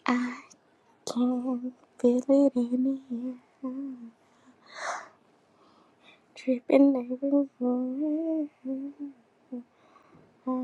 I can feel it in here, dripping everywhere. So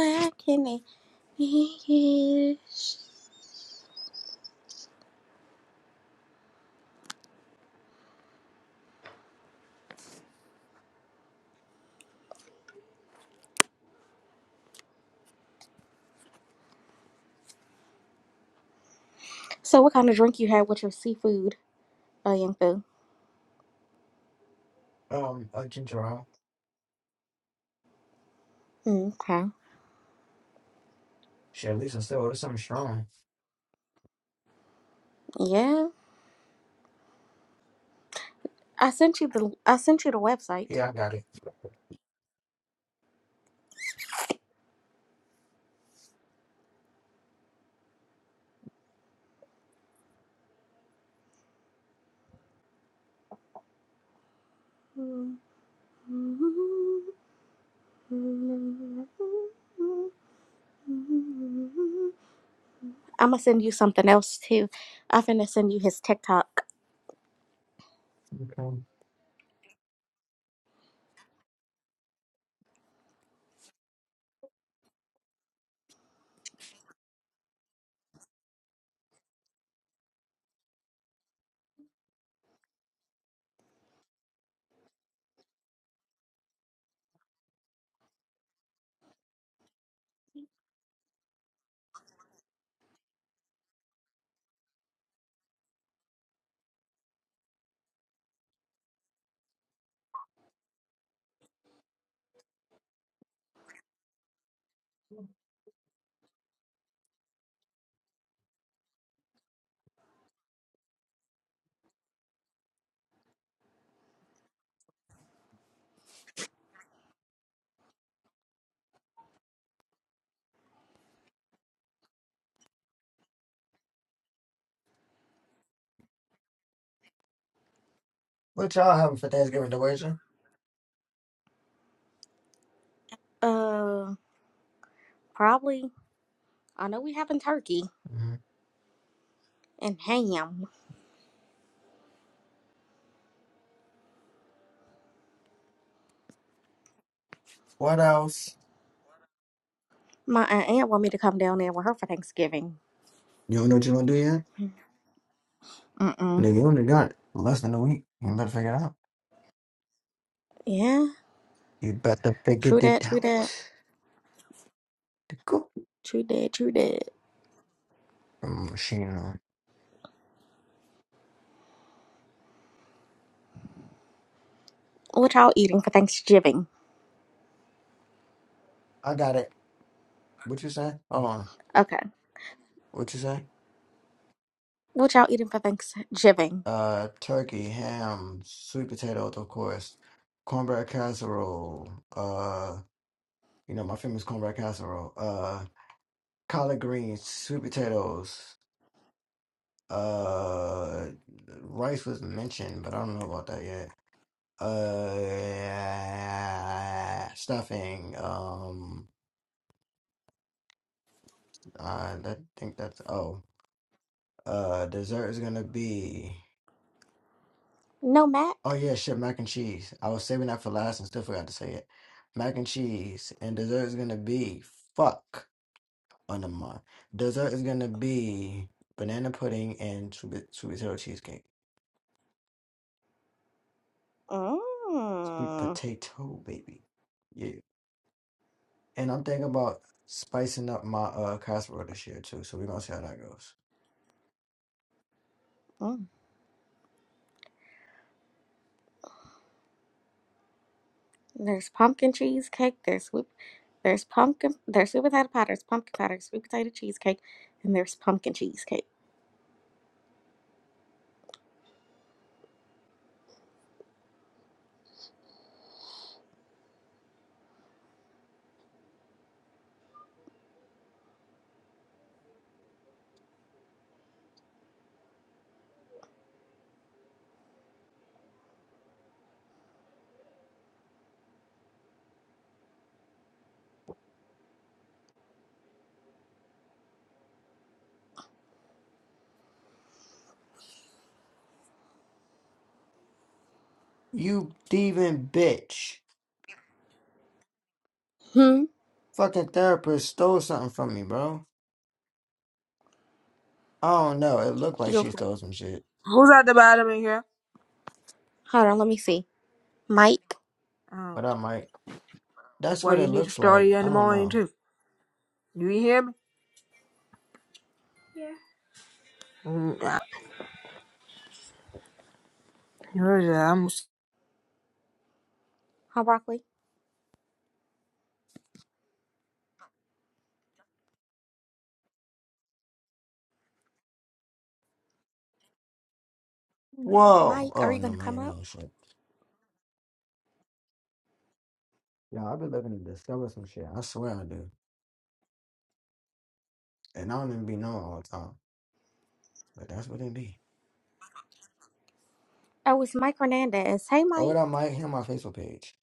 I can hear. So what kind of drink you had with your seafood, uh, young Fu? Um, a ginger ale. Okay. Shit, at least I still, it's something strong. Yeah, I sent you the I sent you the website. Yeah, I got I'm gonna send you something else too. I'm finna send you his TikTok. it. What y'all having for Thanksgiving, Deweja? Uh, probably. I know we having turkey Mhm. and ham. What else? My aunt want me to come down there with her for Thanksgiving. You don't know what you want to do yet? Mm-mm. Nigga, you only got less than a week. You better figure it out. Yeah. You better figure True that, it true out. that. The cool True that, true that. machine on. What y'all eating for Thanksgiving? I got it. What you say? Hold on. Okay. What you say? What y'all eating for Thanksgiving? Uh, turkey, ham, sweet potatoes, of course, cornbread casserole. Uh, you know my famous cornbread casserole. Uh, collard greens, sweet potatoes. Uh, rice was mentioned, but I don't know about that yet. Uh, stuffing. Um, uh, I think that's oh. Uh, dessert is gonna be. No mac? Oh yeah, shit, mac and cheese. I was saving that for last and still forgot to say it. Mac and cheese and dessert is gonna be fuck on the mind. Dessert is gonna be banana pudding and sweet, sweet potato cheesecake. Sweet Mm. potato, baby. Yeah. And I'm thinking about spicing up my uh casserole this year too. So we're gonna see how that goes. Mm. There's pumpkin cheesecake, there's whip there's pumpkin there's sweet potato pie, there's pumpkin pie, there's sweet potato cheesecake, and there's pumpkin cheesecake. You thieving bitch. Hmm. Fucking therapist stole something from me, bro. I don't know. It looked like You'll she stole some shit. Who's at the bottom in here? hold on, let me see. Mike. Oh, But I might. That's well, what it you need to looks start it like. in I the don't morning know. too. Do you hear me? Mm, I- Heard that. I'm. Hi broccoli. Whoa. Mike, are Oh, you no, gonna come man. up? ain't ain't shit. Yeah, I've been living to discover some shit. I swear I do. And I don't even be knowing all the time. But that's what it be. Oh, it's Mike Hernandez. Hey Oh, what I Mike. might hear on my Facebook page.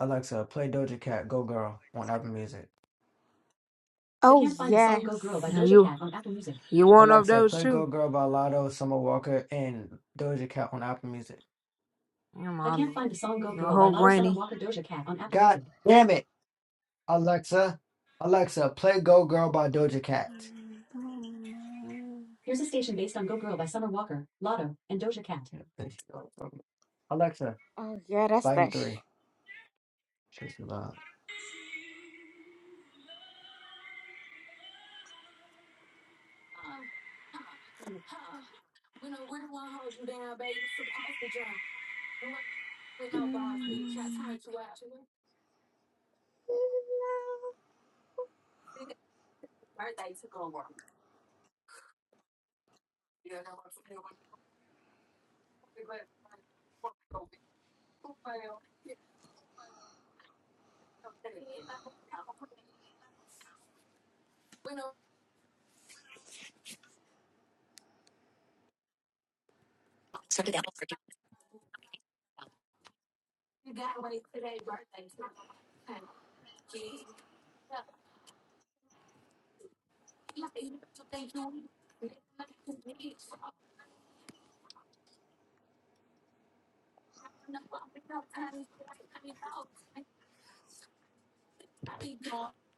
Alexa, play Doja Cat Go Girl on Apple Music. I Oh can't find the song yes. Go Girl by Doja You Cat on Apple Music. you one of Alexa, those play too. Go Girl by Lotto, Summer Walker, and Doja Cat on Apple Music. Your I mama. can't find the song Go Your Girl by whole Lotto Summer granny. Walker Doja Cat on Apple God damn it, Alexa. Alexa, play Go Girl by Doja Cat. Here's a station based on Go Girl by Summer Walker, Lotto, and Doja Cat. Alexa, Oh yeah, that's volume that. Sh- three. Shows me loud.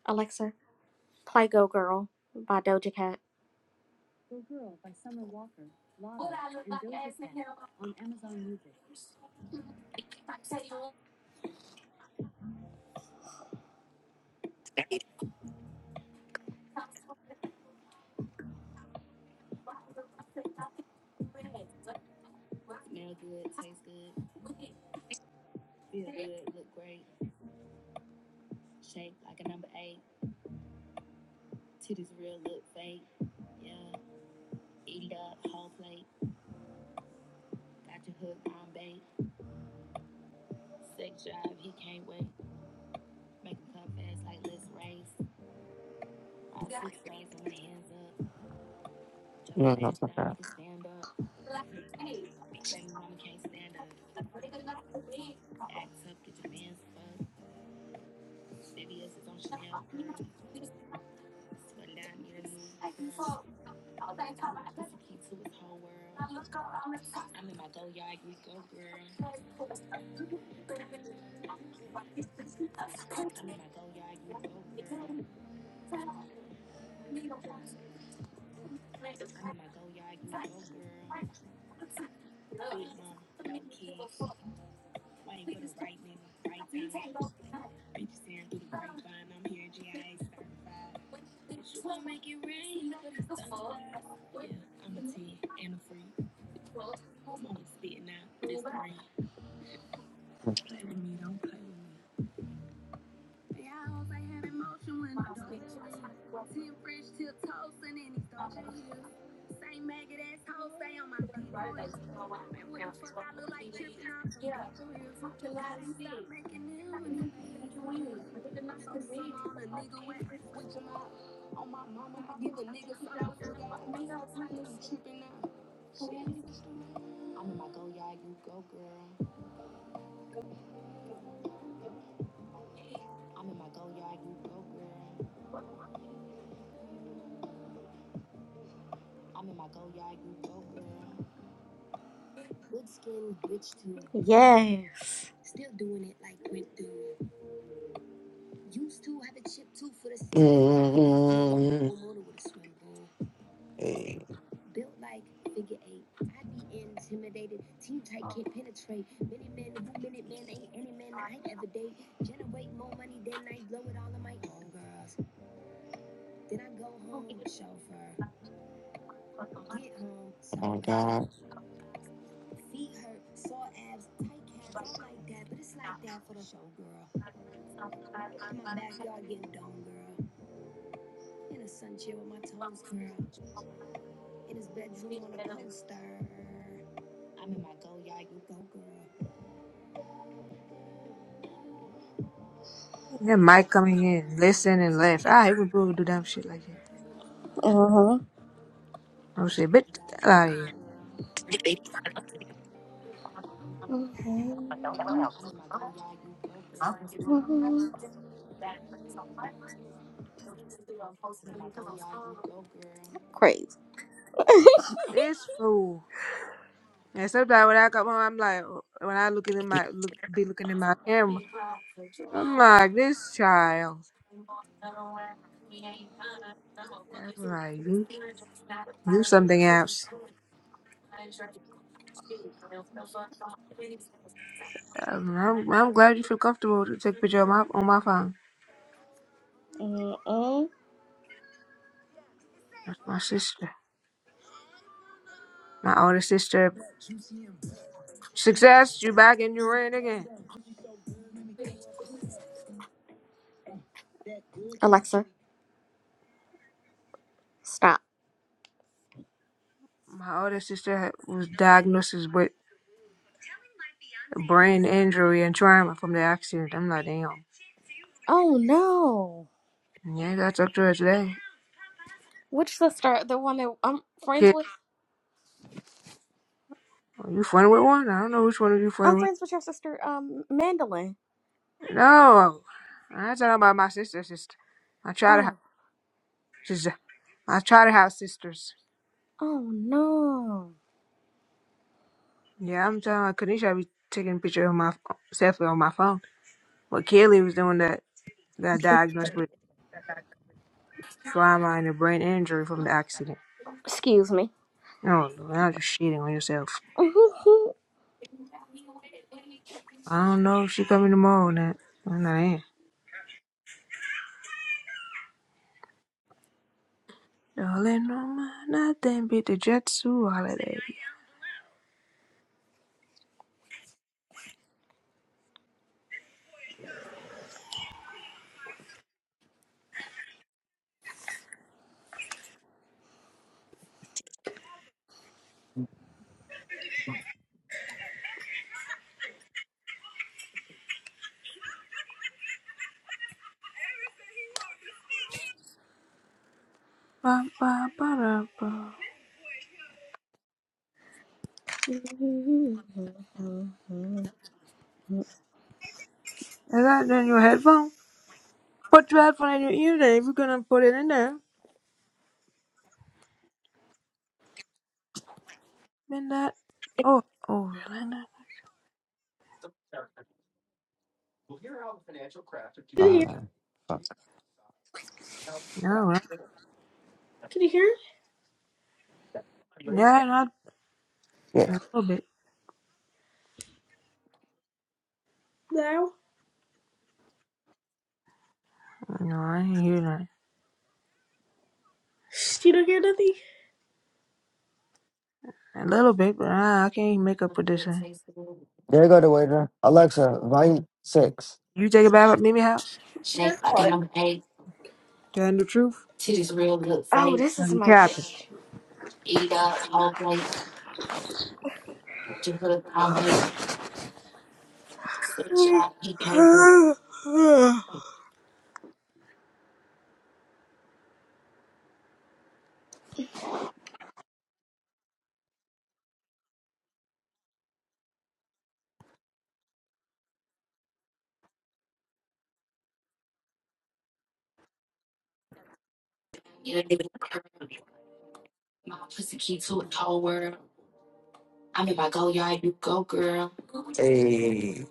Alexa, play "Go Girl" by Doja Cat. Good skin, bitch too. Yes. mm Hey, oh God. That might come in here and listen and laugh. I hate when people do dumb shit like that. Uh I'm saying, bitch, get the hell out of here. huh. Crazy. This fool. And sometimes when I come home, I'm like, when I look in my, look, be looking in my camera, I'm like, this child. I'm like, you, you something else. Um, I'm, I'm glad you feel comfortable to take a picture of my, on my phone. That's my sister. My older sister, success, you back in your ring again. Alexa, stop. My older sister was diagnosed with brain injury and trauma from the accident. I'm like, damn. Oh no. Yeah, that's up to her today. Which sister? The one that I'm friends Kid, with? are you friend with one? I don't know which one of you I'm friend with. friends with your sister, um, Mandolin. No, I'm not talking about my sister. Sister, my childhood. house. Oh. She's my childhood house sisters. Oh no. Yeah, I'm telling her, Kanisha be taking a picture of my selfie on my phone. But Kaylee was the one that got diagnosed with trauma and a brain injury from the accident. Excuse me. No, Lord, now you're shitting on yourself. oh, I don't know if she coming tomorrow or not. I don't know. Jolly Norma, nothing beat the Jetsu holiday. Ba, ba, ba, da, ba. Is that in your headphone? Put your headphone in your ear then if you're gonna put it in there. Then that. Oh, oh, really? No, Oh, hold on. Fuck. no. yeah, not a Yeah. little bit. No, I ain't hear that. A little bit, but I, I can't even make up for this thing. There you go, the waiter. Alexa, volume six. You take it back at Mimi house? Yeah. Telling the truth? this Now is you my capping. Hey.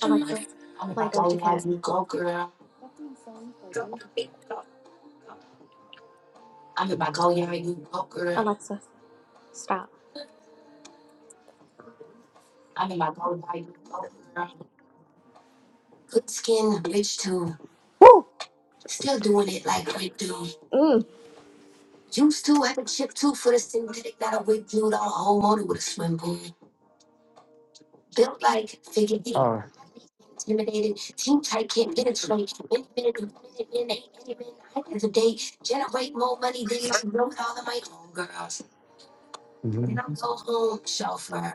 Alexa, play Doja Cat. Alexa, stop. Mm. Built like Figgy. Oh. mhm.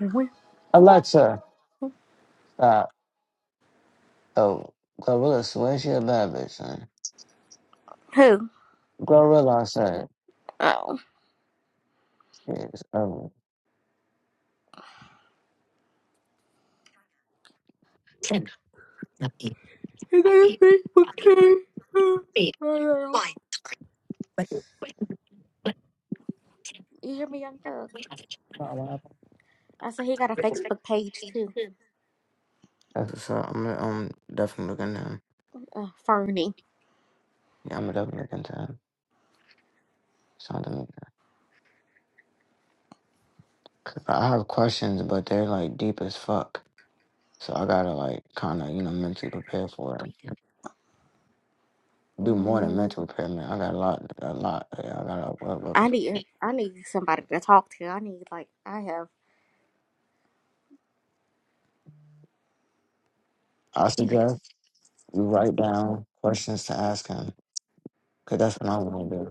Who? Alexa, stop. Oh, Glorilla swear she a bad bitch, son. Glorilla, I said, Oh. yes, Oh, He got a Facebook page. Oh, I You hear me, Young Thug? Not what happened. I said he got a Facebook page too. that's what's I'm, I'm definitely looking down. Uh, Fernie. Yeah, I'm definitely looking down. Something. I have questions, but they're like deep as fuck. So I gotta like kind of you know mentally prepare for it. Do more than Mm, mental prepare, man. I got a lot, a lot. Yeah, I got a work. I work. need I need somebody to talk to. I need like I have. I suggest you write down questions to ask him, cause that's what I'm gonna do.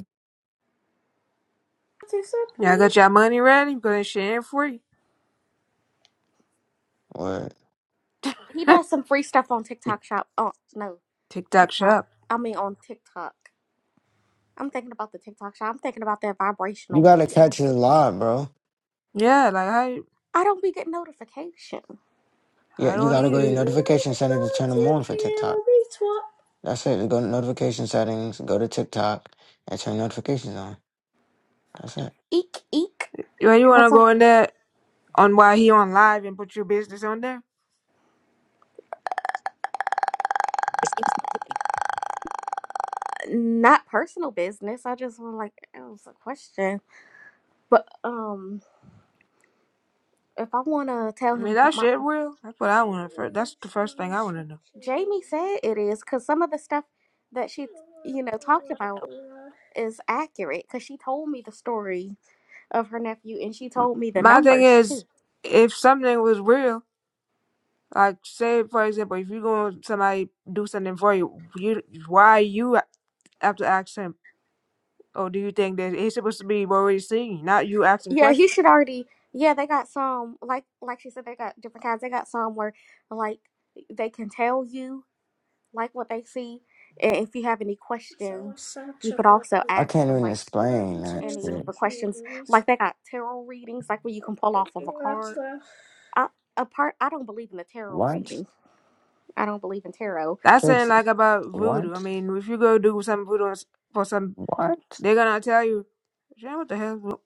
Y'all got your money ready? Because that shit ain't free. What He does some free stuff on TikTok Shop. Oh no, TikTok TikTok. shop. I mean on TikTok. I'm thinking about the TikTok Shop. I'm thinking about that you vibrational gotta plate. catch his lie, bro. Yeah, like how? I don't be getting notification. Yeah, I you don't gotta need go to your it. notification setting to turn them on for TikTok. That's it. Go to notification settings, go to TikTok, and turn notifications on. That's it. Eek eek. Yo, you wanna That's all. go in there on why he on live and put your business on there? not personal business. I just want like it was a question, but um, if I want to tell I mean him that my shit real. That's what I wanna first. That's the first thing I wanna know. Jamie said it is because some of the stuff that she you know talked about is accurate because she told me the story of her nephew and she told me the My thing numbers too. is, if something was real, like say for example, if you go and somebody do something for you, you why you have to ask him? Or do you think that he's supposed to be already seeing, not you asking Yeah, he questions? should already. Yeah, they got some like like she said they got different kinds. They got some where like they can tell you like what they see, and if you have any questions, you could also I ask can't them even like. explain that any of shit. the questions. Like they got tarot readings, like where you can pull off of a card. I, a part, I don't believe in the tarot What? reading. I don't believe in tarot. That's saying Fix like about voodoo. I what? mean, if you go do some voodoo for some What? They're gonna tell you, Jen, what the hell?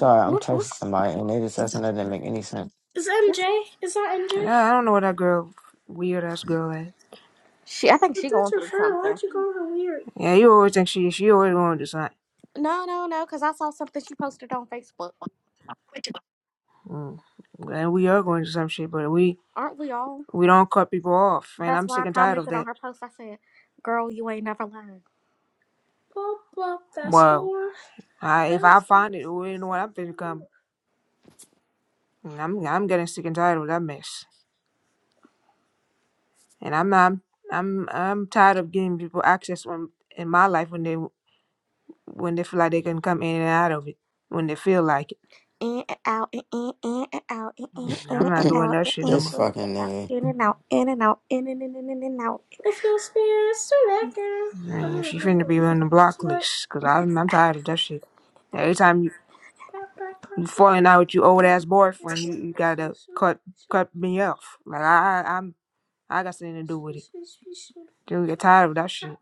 Sorry, I'm What, texting what's, somebody and they just said something that didn't make any sense. what's, Yeah, I don't know what that girl, weird ass girl is. she, I think she going through something. Yeah, you always think she she always going to something. No, no, no, because I saw something she posted on Facebook. Mm. And we are going to some shit, but we Aren't we all? we don't cut people off, and That's I'm why sick I and tired of commented on that. her post. I said, "Girl, you ain't never learned." Well, I, if I find it, well, you know what I'm gonna come. I'm I'm getting sick and tired of that mess, and I'm I'm I'm I'm tired of giving people access when in my life when they when they feel like they can come in and out of it when they feel like it. In and out, in in in and out, in in Yeah, in I'm not and doing out, that shit no this more. fucking nigga. in in in and out, in and out, in and out, in and in and in and out. Man, she finna be on the block list, cause I'm I'm tired of that shit. Every time you you falling out with your old ass boyfriend, you, you gotta cut cut me off. Like I, I I'm I got something to do with it. Dude, get tired of that shit.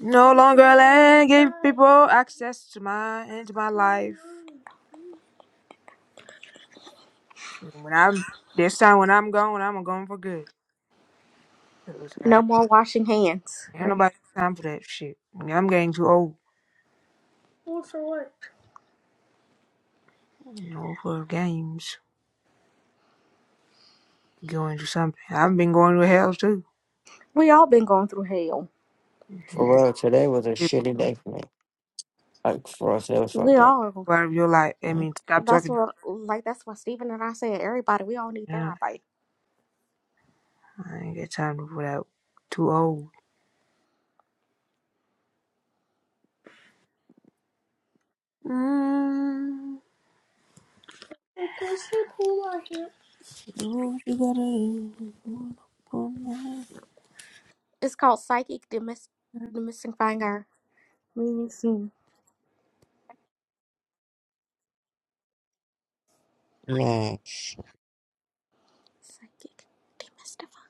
No longer allowing gay people access to my into my life. When I'm this time when I'm gone, I'm going for good. No more washing hands, Ain't right? nobody got time for that shit. I'm getting too old. You know, for games, going to something. I've been going to hell too. We all been going through hell. For Mhm. real, today was a People shitty day for me. Like for us, it was We fucked up. all. part of your life. I What? mean, stop That's talking. what, like, that's what Stephen and I said. Everybody, we all need Yeah, therapy. I ain't got time for that. Too old. Mm, do what you gotta do. It's called psychic demis- demystifying our meanings. and Man, shit. Psychic demystifying.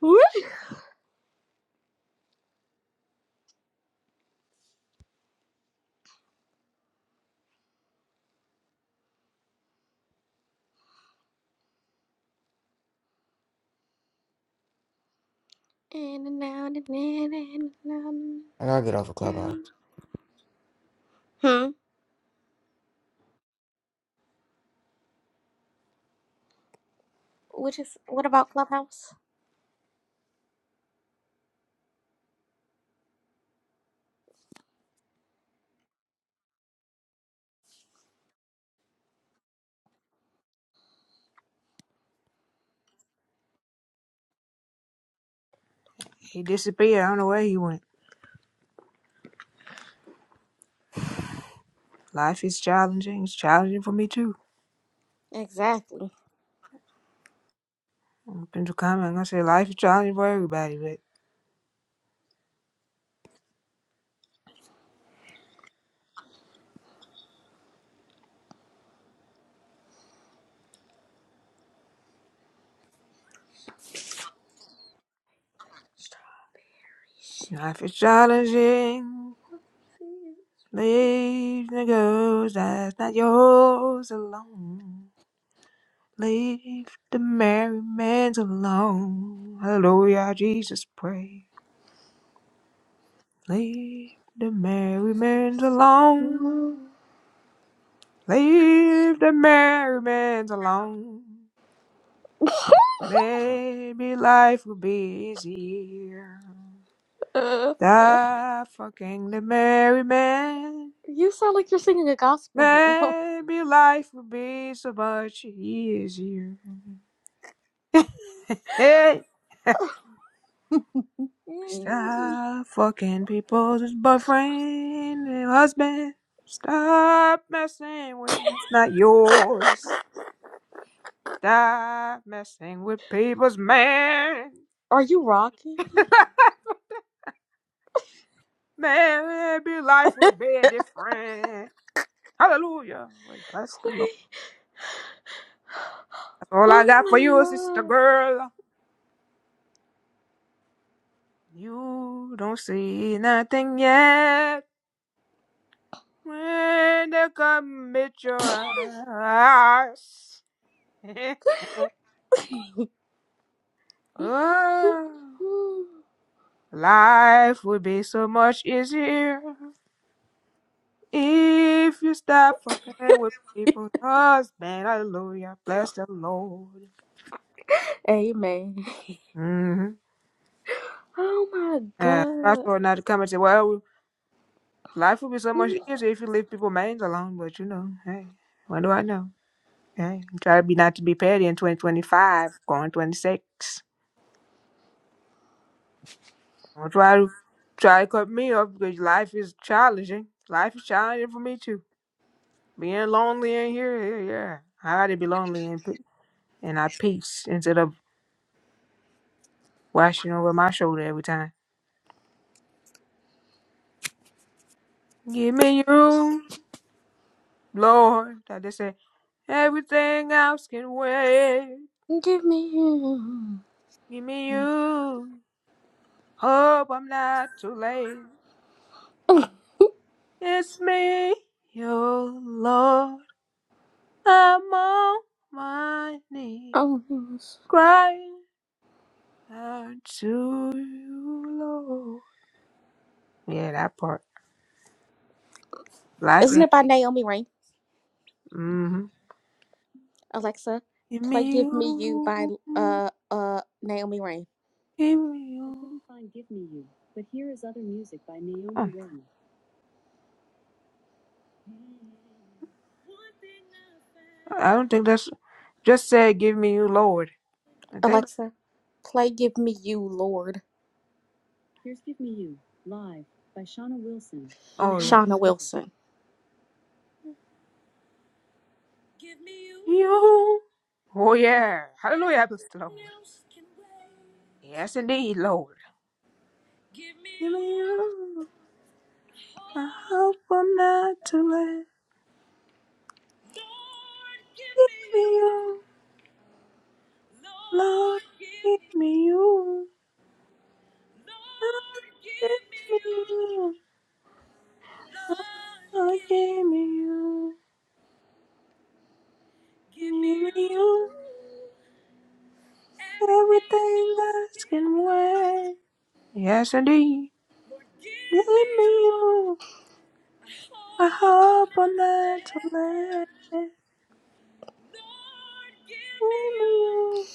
Woo! And now, and now, and now, and I gotta get off a now. clubhouse. Hmm. Which is what about Clubhouse? He disappeared. I don't know where he went. Life is challenging. It's challenging for me too. Exactly. I'm going to comment. I'm gonna say life is challenging for everybody, but life is challenging. Leave the girls that's not yours alone. Leave the merry men alone. Hallelujah, Jesus, pray. Leave the merry men alone. Leave the merry men alone. Maybe life will be easier. Die fucking the merry men. Maybe life will be so much easier. Hey, stop fucking people's boyfriend and husband. Stop messing with what's not yours. Stop messing with people's man. Are you rocking? man, maybe life will be different. Hallelujah. Wait, bless the Lord. Wait. That's all I got for you, sister Oh girl. You don't see nothing yet when they commit your eyes. my Oh, god. life would be so much easier if you stop fucking with people's husband. Hallelujah. Bless the Lord. Amen. Mm-hmm. Oh my And that's god. what now to come and say, well, life would be so much easier if you leave people's minds alone. But you know, hey, what do I know? Hey, try to be not to be petty in 2025, going 26. Don't try to try to cut me off because life is challenging. Life is challenging for me too. Being lonely in here, yeah, yeah. I ought to be lonely and pe- and I peace instead of washing over my shoulder every time. Give me your room, Lord. I just say everything else can wait. Give me you. Give me you. Hope I'm not too late. It's me, your Lord. I'm on my knee, Oh, yes. crying out to you, Lord. Yeah, that part. Life Isn't ain't. it by Naomi Rain? mm-hmm. Alexa, Give play me Give Me You by you, uh uh Naomi Rain. give me you. Oh, I don't think that's just said. Give me you, Lord. I think. Alexa, play Give Me You, Lord. Oh yeah, Shauna Wilson. you. Oh yeah, Hallelujah, help us, Lord. Yes, indeed, Lord. Give me you. I hope I'm not too late. Give me you, Lord. Give me you. Lord, Give me you. Lord, give me you. Give me you. Everything else can wait. Yes, indeed. Leave me on. I hope I'm not too late. Leave me on.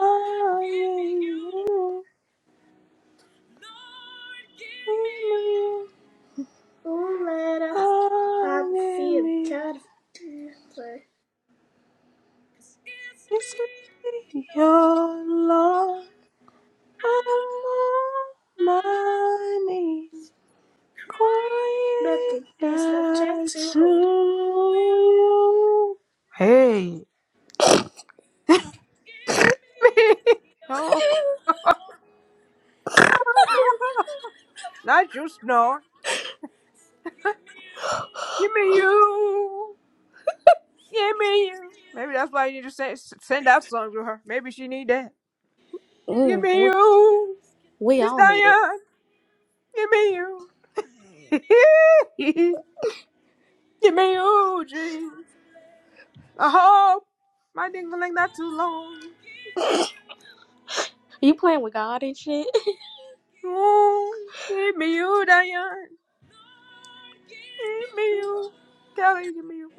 I am you. Leave me on. do let a I am future. It's me, your Lord. I'm on my knees. Quiet as to you. Hey. oh, Not you snore. Give me you. Give me you. Maybe that's why you need to send, send out songs with her. Maybe she need that. Give Mm, me we, you. we Miss all need it. Diane. Give me you. Give me you, G. I hope my ding like not too long. you playing with God and shit? Ooh, give me you, Diane. Give me you. Kelly, give me you.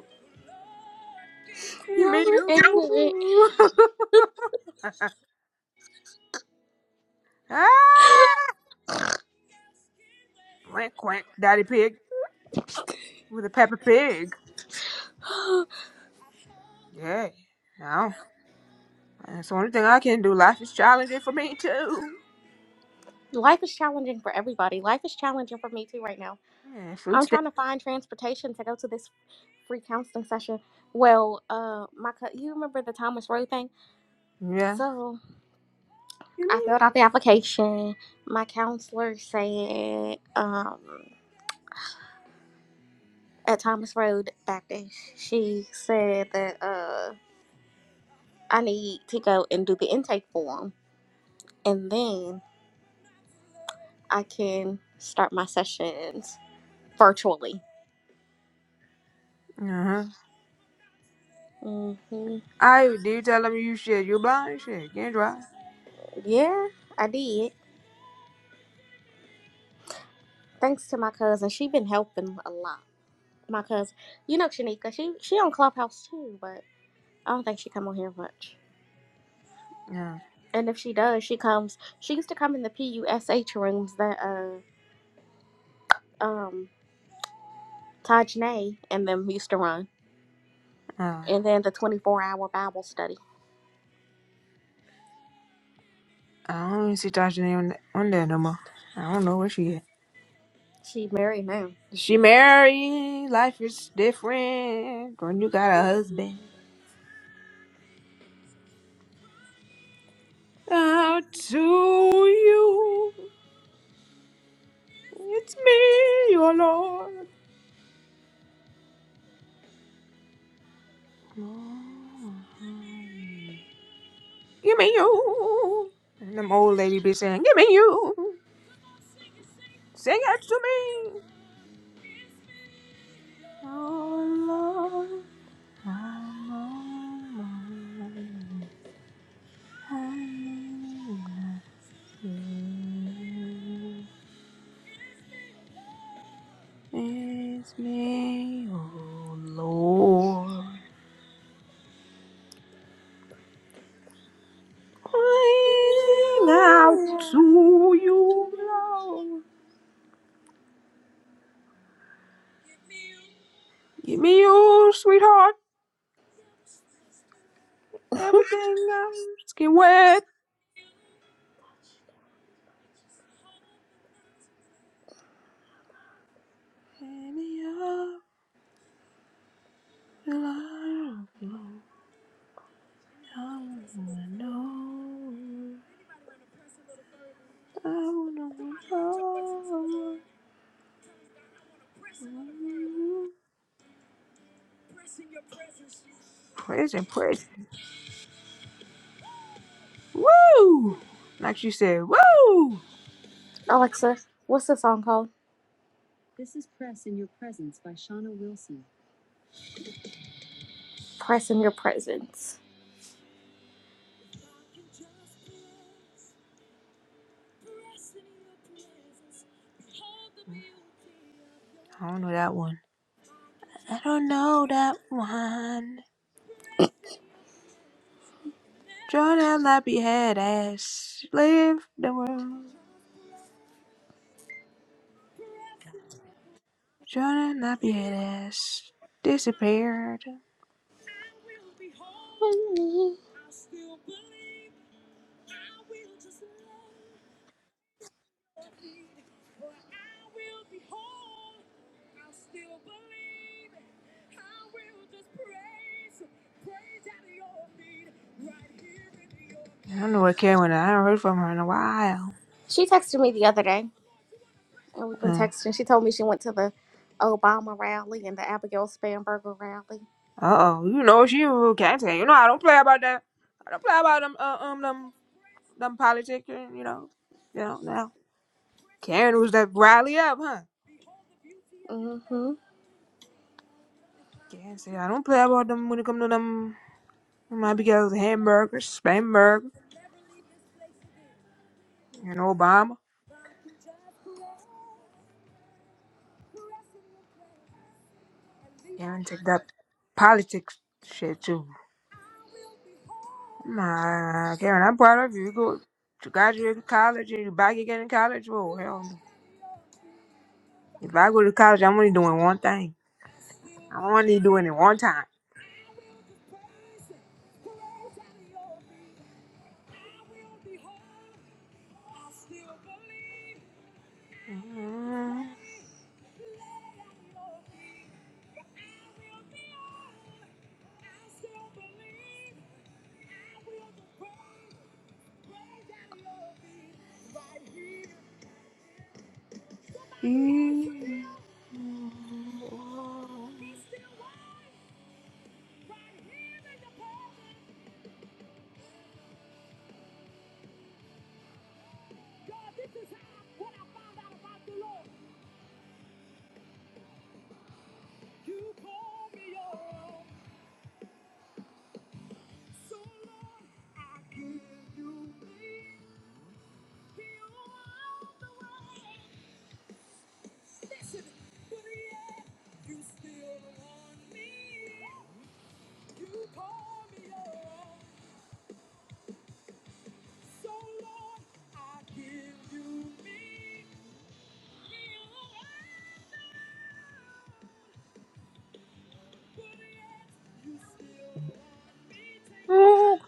Give Y'all me are ignorant. you. ah! Quack, quack. Daddy Pig with a Peppa Pig. Yeah. That's the only thing I can do. Life is challenging for me too. Life is challenging for everybody. Life is challenging for me too right now. Yeah, food I'm stamp. trying to find transportation to go to this free counseling session. Well, uh, my co- you remember the Thomas Road thing? Yeah. So I You filled out the application. My counselor said um, at Thomas Road Baptist, she said that uh, I need to go and do the intake form, and then I can start my sessions virtually. mean? Uh huh. hmm I do you tell them you shit. You blind shit. Can't drive. Yeah, I did. Thanks to my cousin, she been helping a lot. My cousin, you know, Shanika, she she on Clubhouse too, but I don't think she come on here much. Yeah. And if she does, she comes. She used to come in the PUSH rooms that uh um Taj and them used to run, Uh, and then the twenty four hour Bible study. I don't even see Tasha on, on there no more. I don't know where she at. She married him. She married. Life is different when you got a husband. Out to you. It's me, your Lord. Give me you. And them old lady be saying, Give me you. Sing it to me. Oh Lord, I'm on my knees. I need you. It's me, oh Lord. Crying out to you, Lord. Give me you, sweetheart. Everything I'm skin wet. Any The light of the Lord. I wanna know. I wanna know. Praise and praise. Woo! Like she said, woo! Alexa, what's the song called? Press in your presence. I don't know that one. I don't know that one. John and Lappy head ass. Leave the world. John and Lappy head ass. Disappeared. I don't know what Karen, I haven't heard from her in a while. She texted me the other day, and we've been Uh, texting. She told me she went to the Obama rally and the Abigail Spanberger rally. Uh oh, you know she who can't take. You know I don't play about that. I don't play about them uh, um them them politics. You know, you know now. Karen was that rally up, huh? Mhm. Karen said I don't play about them when it come to them. It might be Abigail's hamburgers, spam burger, and Obama. Karen take that politics shit too. My Karen, I'm proud of you. You go to graduate college and you back again in college. Oh hell no! If I go to college, I'm only doing one thing. I'm only doing it one time. Mhm. Ooh,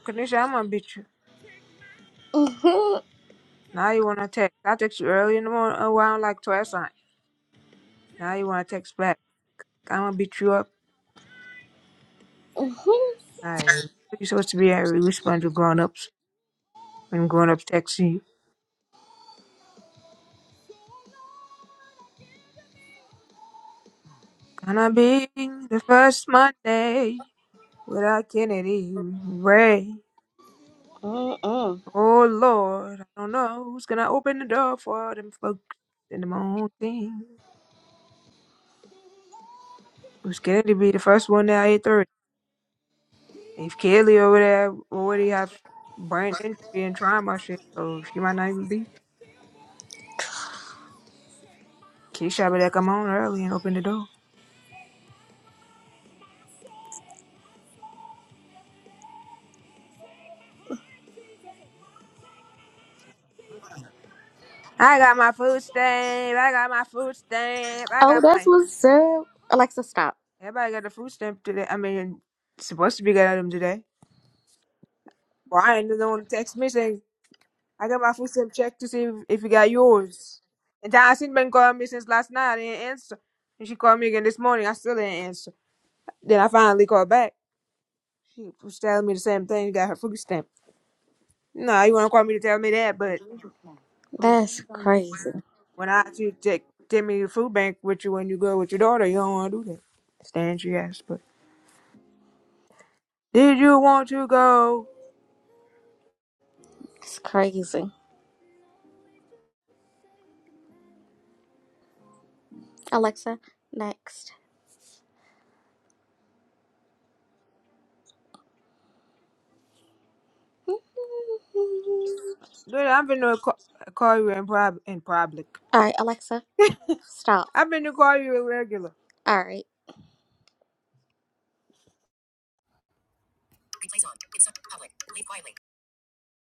Kanisha, I'm gonna beat you. Mhm. Now you wanna text. I text you early in the morning around like twelve something. Now you wanna text back. I'm gonna beat you up. I you supposed to be a respond to grown ups when grown ups text you. Gonna be the first Monday without Kennedy Ray. Oh Lord, I don't know who's gonna open the door for them folks in the morning. Who's Kennedy be the first one at 8:30? If Kelly over there already have brain injury and trauma shit, so she might not even be. Keisha better come on early and open the door. I got my food stamp. I got my food stamp. I Oh, got that's my. what's up. Alexa, stop. Everybody got the food stamp today. I mean, supposed to be getting them today. Brian is the one who text me saying, I got my food stamp check to see if, if you got yours. And Johnson been calling me since last night. I didn't answer. And she called me again this morning. I still didn't answer. Then I finally called back. She was telling me the same thing. You Got her food stamp. No, you don't want to call me to tell me that, but That's crazy. when I ask you to take, take me to the food bank with you when you go with your daughter, you don't want to do that. Stand your ass, but did you want to go? It's crazy. Alexa, next. All Dude, I've been to call, call you in, prob- in public. right, Alexa, stop. I've been to call you irregular. All right.